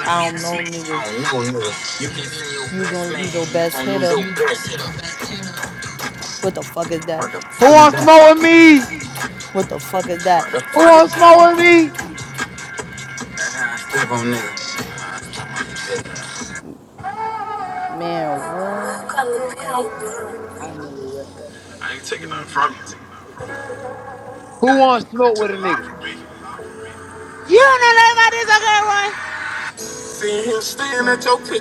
I don't know niggas. You gonna lose your best hitter. What the fuck is that? Who want to smoke with me? What the fuck is that? Who want to smoke with me? Man, what? Oh, I know where that, bro. I ain't taking Who nothing wants smoke from you. with me? Who wants to You smoke took with a a nigga? lot from me. You don't know nothing about this, okay, Roy?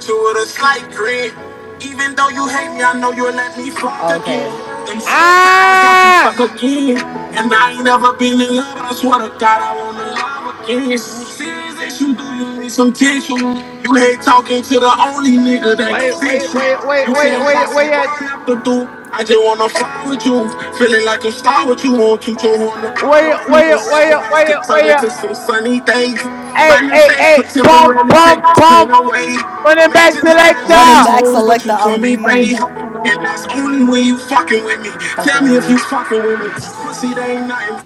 You were the slight green. Even though you hate me, I know you'll let me fuck again. Okay. The got you stuck Ah! in love. Wait, wait, wait, wait, wait, wait, wait, at- You could do a star with wait, your fluid wait, wait, wait, wait. at- things. Like, Hey, hey, hey! Pump, let me take pump, this pain pump! away. Running back Major times, Run it selector. back, knows, but you. selector. I'm weak. And that's only when you fucking with me. You Tell fucking me with if me. you fucking with me. Pussy, they ain't nothing.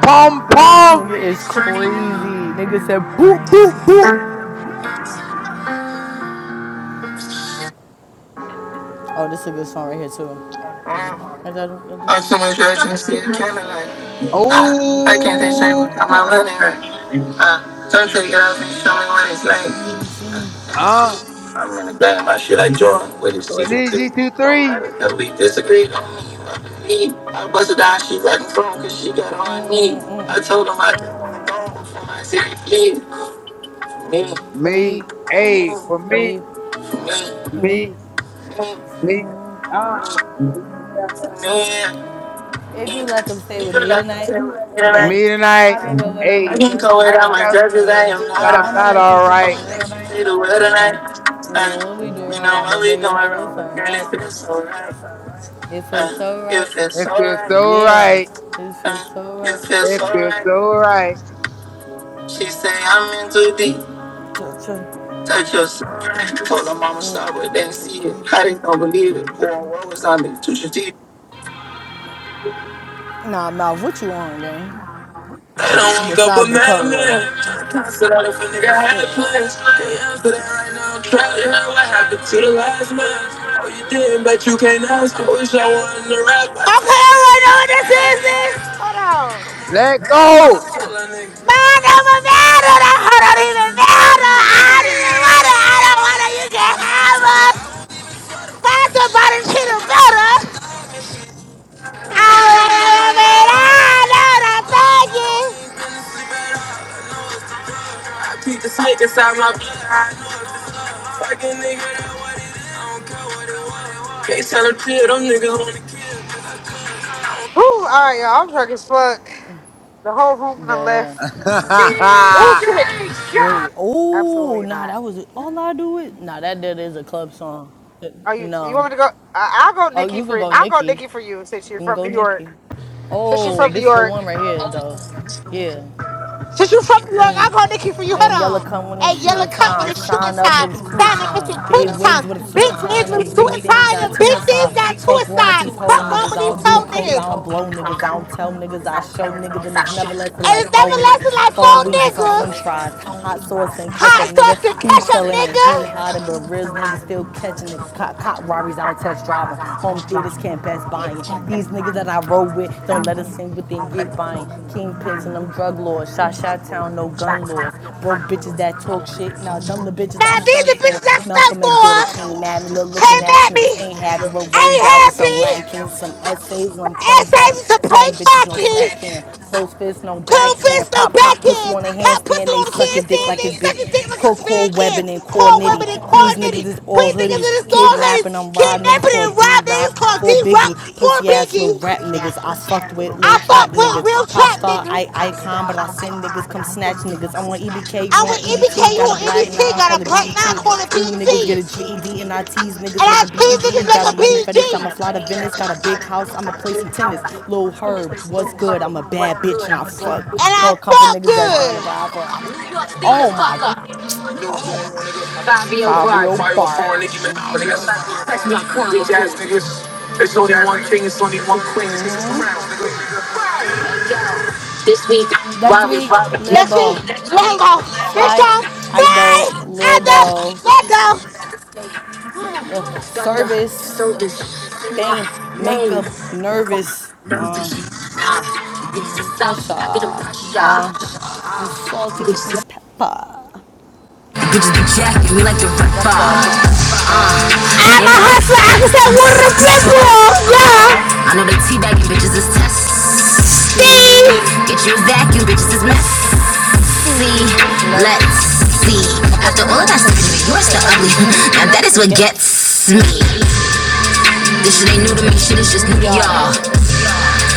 Pump, pump. Nigga is crazy. Nigga said boop, boop, boop. Oh, this is a good song right here, too. So much direction to see. you Can't Ooh. let it right For now. Tell her to get out of this lane. Uh. What is G two Don't let three? it come big on me. I believe. I busted down. She writing phone because she got on her knee. I told him I didn't want to go before my city leave. Me, me, me, Me. Hey, for for me, me, for me, me, me. Uh. man. If you let him stay You can with me tonight, tell me that Yeah. Me I tonight. can go without I I my Hey, can drug go because I I guess without am my that's, not judges. I alright. am not I'm I'ma not let alright. you all take the right. word tonight, And, Tonight, and then what we do uh, it you know, wrong, but baby, it feels so girl, it right. feels, It feels uh, so it right. feels It feels alright. so Yeah, right. it feels Uh, so right. it feels It feels alright. so right. She say I'm in too deep. Cha cha. Touch yourself. Told her mama stop Mm, it, didn't see it. I did don't believe it. Going what was on me? Touch your teeth. Nah, mouth, what you on, gang? They don't woke up a Besides the cut water. madman. If a nigga had Shit. plans, they answer their own trap. You know what happened to the last man? Oh, you didn't, but you can't ask. I wish I wasn't a rapper. But Let go. I didn't want it. I don't want Da da. to give it all. wait, oh, Absolutely. nah, that was all I do it. Nah, that, that is a club song. Are you? You want No. me to go? I, I'll go, Oh, Nikki. you could For go I'll go. Nikki. You Since you're can from go New Nikki. York, since you're Oh, from New this is the York, one right here, though. Yeah. since you're from New York, I'll Mm. go, Nikki. For you. Hold And Yella come on. when Hey, it's shooting up with time. a shooting Sign up, it time, was crew magnificent time. Big cooling time. wigs with a suit Big and tie man's on with them. Big things suicide got and two big things inside. got Fuck wrong with suicide. these whole Fuck wrong niggas. with I these don't do told coke, I niggas. don't blow niggas. I don't tell niggas, I show niggas. And it's never less than And it's like phone niggas. everlasting like four Phone wings and some niggas. french fries. Hot sauce and Hot ketchup, nigga. sauce and He ketchup, telling and he nigga. hiding, but real niggas still catching nigga. Cop, cop robberies, I don't test drive 'em. Home theaters can't best buy 'em. These niggas that I roll with don't let us seen but then get buying. Kingpins and them drug lords. Shot Shot Town, no gun laws. Broke bitches that talk shit. Now, dumb the bitches Now I these stunned the for. bitches I stuck Malcolm X daughter for came at me. Little looking came ass at me. niggas ain't happy. Ro- Ain't rolled out with some Latin happy. kings, some essays, and My I'm playing ass cack. ass is a pay Smack bitches, no smack cocky. cam. Close fist, no Cold backhand. fist, no Pop, pop, pussy backhand. on a Pussy handstand. They on sucking dick like it's been. Core core the webbing kids, and core call nitty. women and call Queens niggas is niggas. all Please niggas in hoodies. the store, honey. Kidnapping them rob niggas Rapping and called D robbing, Rob. it's called For D-Rock Biggie, for pussy ass little Biggie. rap niggas. I fucked with little I trap fuck with niggas. real Pop trap star, niggas. I icon, but I send niggas come snatch niggas. I want EBK, you I want went MBK, EBT. you Got a on black MBT, nine, got call a it black BET. nine calling School niggas get a PZ. G E D and I tease And niggas, make I a B E treat G. niggas like Got a a money P fetish, G. I'ma fly to Venice. Got a big house, I'ma play some tennis. Lil Herb, what's good? I'm a bad bitch and I fuck. And You Know I a couple fuck niggas that's good. down the ride for. I'm a, Steal the oh my, fuck up. Fabio Fabio Barton. Barb. Bitch ass niggas. It's only one king, it's only one queen. This week, Next Robbie week, Robin. Next week, Libo. Tango. This Fly. time, idol, fly! do And the, Lido. I the the. Got the, service so, name makeup my name. nervous. Uh, Bitches is this salty, I get them pressure. pressure. Uh, the salty giving Bitches, the pepper. be jacking me like the rapper. rapper I'm a hustler, I can I'm say not- what the not- not- people, uh, yeah. I know they teabagging bitches is testy. Steve. Get you a vacuum, Bitches, bitches is it's messy. messy. Let's Let's see. see. After After all all of of that that surgery, surgery, you you are are still still ugly. ugly. now and that that is is what what gets gets me. me. This bitch shit ain't new to me, this shit is is just new to new to y'all. y'all.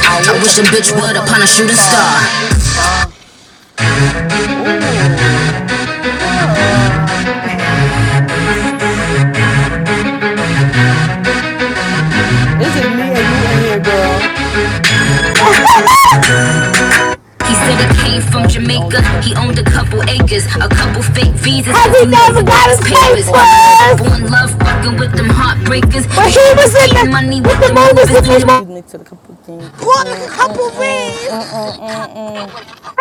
I I wish a wish a bitch bitch would would upon a upon a shooting shooting star. star. Uh, Ooh, man. It's just me and you in here, girl. He said he came from Jamaica, he owned Jamaica. a He couple owned a acres, couple a couple acres, fake a couple visas fake because he never visas. Cause got he his never papers. got his Gave papers. up on love, fucking Born with them love, fucking with them heartbreakers. But he was heartbreakers. getting But he money was with the in the, movers Money and the with the shakers, movies and in the, his he mom. was mixed a couple things. Pulled like a couple Mm-mm-mm, rings. mm-mm-mm-mm.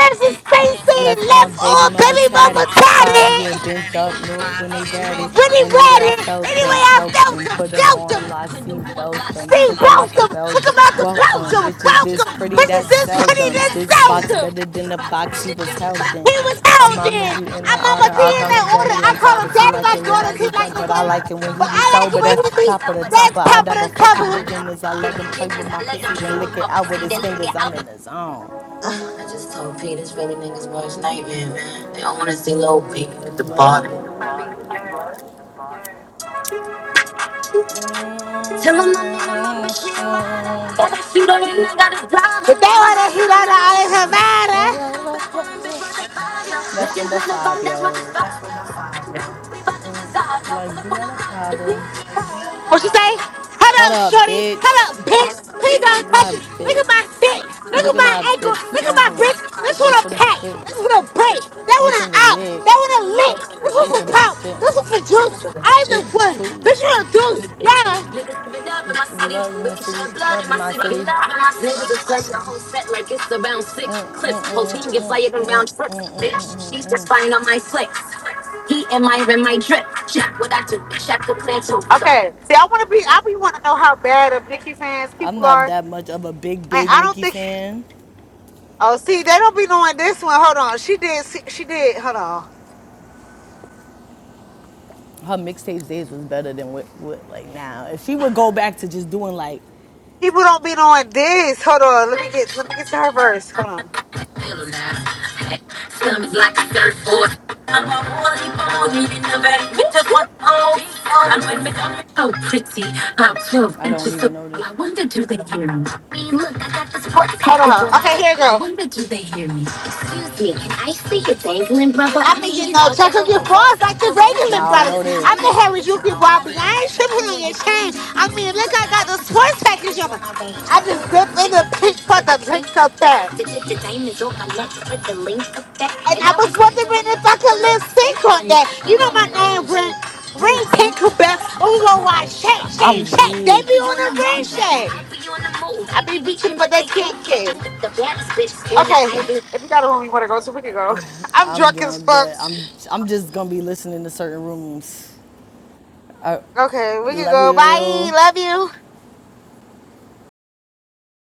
That's his Tracy Left arm, left baby all mother baby mama tatted, five year tatted. bent up north when they ratted. Pretty Anyway, I ratted. felt Anyway, them, I count felt them, him, put them felt them. on lock, seat belt them, Steve took them out to Belton. Look Belgium. out the Welcome, Belton. bitches, this Welcome. pretty, This is that's this, what it is. seldom. this? This box better than the box he was held in. I'm Mama G in the I'm on my outer. I call him DNA Daddy order. like daughters. He I like it when I get drunk, but I like it when he be sober. That's top of the topper. call I never fuck with beginners. I let him play him with my pussy, Dad's then lick it out papa. with his fingers. I'm in the zone. Just told P, this really niggas' worst nightmare, They don't wanna see little P at the bottom. What? That's You don't even gotta die. But they want to hit on all in her matter. Niggas what the wanna vibe, five, that's what yo. Like, do y'all have a problem? What you say? Hold Hold up, up, shorty. Hold bitch. up, bitch. Please What don't My touch it. Look bitch. at my dick. Look Look at at my my ankle. bitch. Look at my wrist. This one This a for the pack. bitch. This one a break. That This one a for the out. leg. That one a lick. This one This for for the pop. This chips. one for juice. I'm the You the one. Bitch, you tools. a deuce. Yeah. Niggas been up You in my city. Love my Really city. shed blood in Love my my city. city. Love in my city. Just play the whole set like it's around six clips. Whole team get fired around trips. Bitch, she's just fine on my flicks. He and my in my drip. Check what I do. Check the plan too. Okay, see, I want to be. I be want to know how bad of Nicki fans I'm people are, not and that much of a big, big I don't Nicki think. fan. Oh, see, they don't be knowing this one. Hold on, she did. She, she did. Hold on. her mixtapes days was better than what, what like now. If she would go back to just doing like, People don't be knowing this. Hold on. Let me get. Let me get to her verse. Hold on. Slums like a surfboard. I'm a holy ball, needing the very winter one. Oh, I'm with me. So pretty. I'm 12 I don't inches so even tall. know this. I wonder do they hear me? look, that's sports Hold on. Okay, here, girl. I girl. wonder do they hear me? Giggling brother. I think you know, check up your bras like the regular Nah, I don't brothers. know this. I've been here with you people all week. I ain't tripping on your chain. I mean, look, I got the sports package on. I just dipped in the pinch for the drinks up there. And I was wondering if I could lip sync on that. You know my name, Ring Ring Tinkerbell. Ooh, oh, oh, oh, I I, shake, shake, I'm shake. They weird. be on the ring shake. I be beating, but they can't kick. Okay, if you got a room you want to go to, we can go. I'm I'm drunk as drunk, fuck. but I'm I'm just gonna be listening to certain rooms. I Okay, we can love go. Bye. you. Love you.